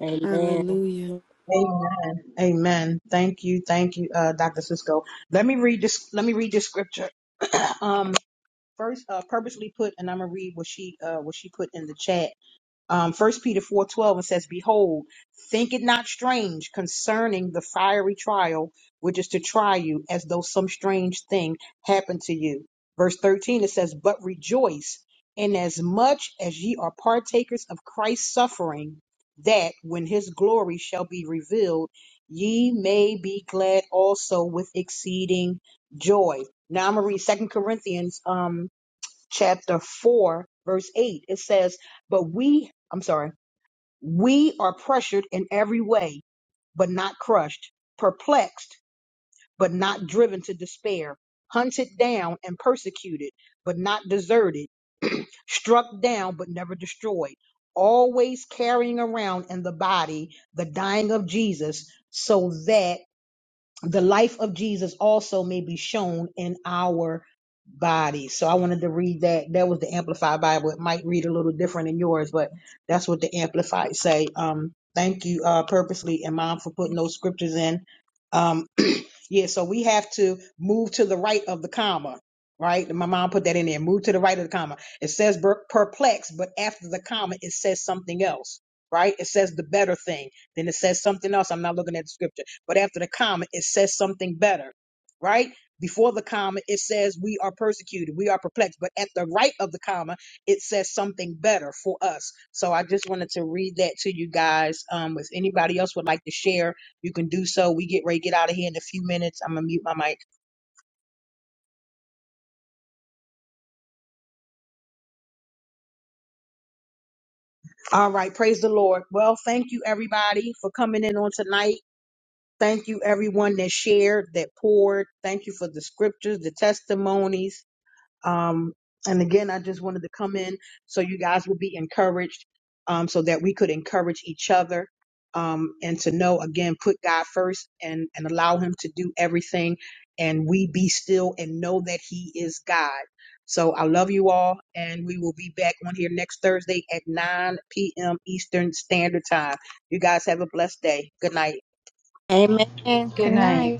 [SPEAKER 6] Amen.
[SPEAKER 7] Hallelujah.
[SPEAKER 1] Amen. Amen. Thank you. Thank you, uh, Dr. Cisco. Let me read this. Let me read this scripture. Um, first, uh, purposely put, and I'm gonna read what she, uh, what she put in the chat. um, 1 Peter 4:12 and says, "Behold, think it not strange concerning the fiery trial which is to try you, as though some strange thing happened to you." Verse 13 it says, "But rejoice inasmuch as ye are partakers of Christ's suffering, that when his glory shall be revealed, ye may be glad also with exceeding joy." Now I'm gonna read Second Corinthians Um, chapter 4, verse 8, it says, But we, I'm sorry, we are pressured in every way, but not crushed, perplexed, but not driven to despair, hunted down and persecuted, but not deserted, struck down, but never destroyed, always carrying around in the body the dying of Jesus, so that the life of Jesus also may be shown in our bodies. So I wanted to read that. That was the Amplified Bible. It might read a little different than yours, but that's what the Amplified say. Um, thank you, uh, purposely and mom for putting those scriptures in. Um, yeah, so we have to move to the right of the comma, right? My mom put that in there. Move to the right of the comma. It says per- perplexed, but after the comma, it says something else, right? It says the better thing. Then it says something else. I'm not looking at the scripture, but after the comma, it says something better, right? Before the comma, it says we are persecuted, we are perplexed, but at the right of the comma, it says something better for us. So I just wanted to read that to you guys. Um, if anybody else would like to share you can do so. We get ready to get out of here in a few minutes. I'm going to mute my mic. All right. Praise the Lord. Well, thank you, everybody, for coming in on tonight. Thank you, everyone that shared, that poured. Thank you for the scriptures, the testimonies. Um, and again, I just wanted to come in so you guys would be encouraged, um, so that we could encourage each other, um, and to know again, put God first and, and allow Him to do everything. And we be still and know that He is God. So I love you all, and we will be back on here next Thursday at 9 p.m. Eastern Standard Time. You guys have a blessed day. Good night.
[SPEAKER 2] Amen. Good
[SPEAKER 9] Good
[SPEAKER 2] night.
[SPEAKER 9] night.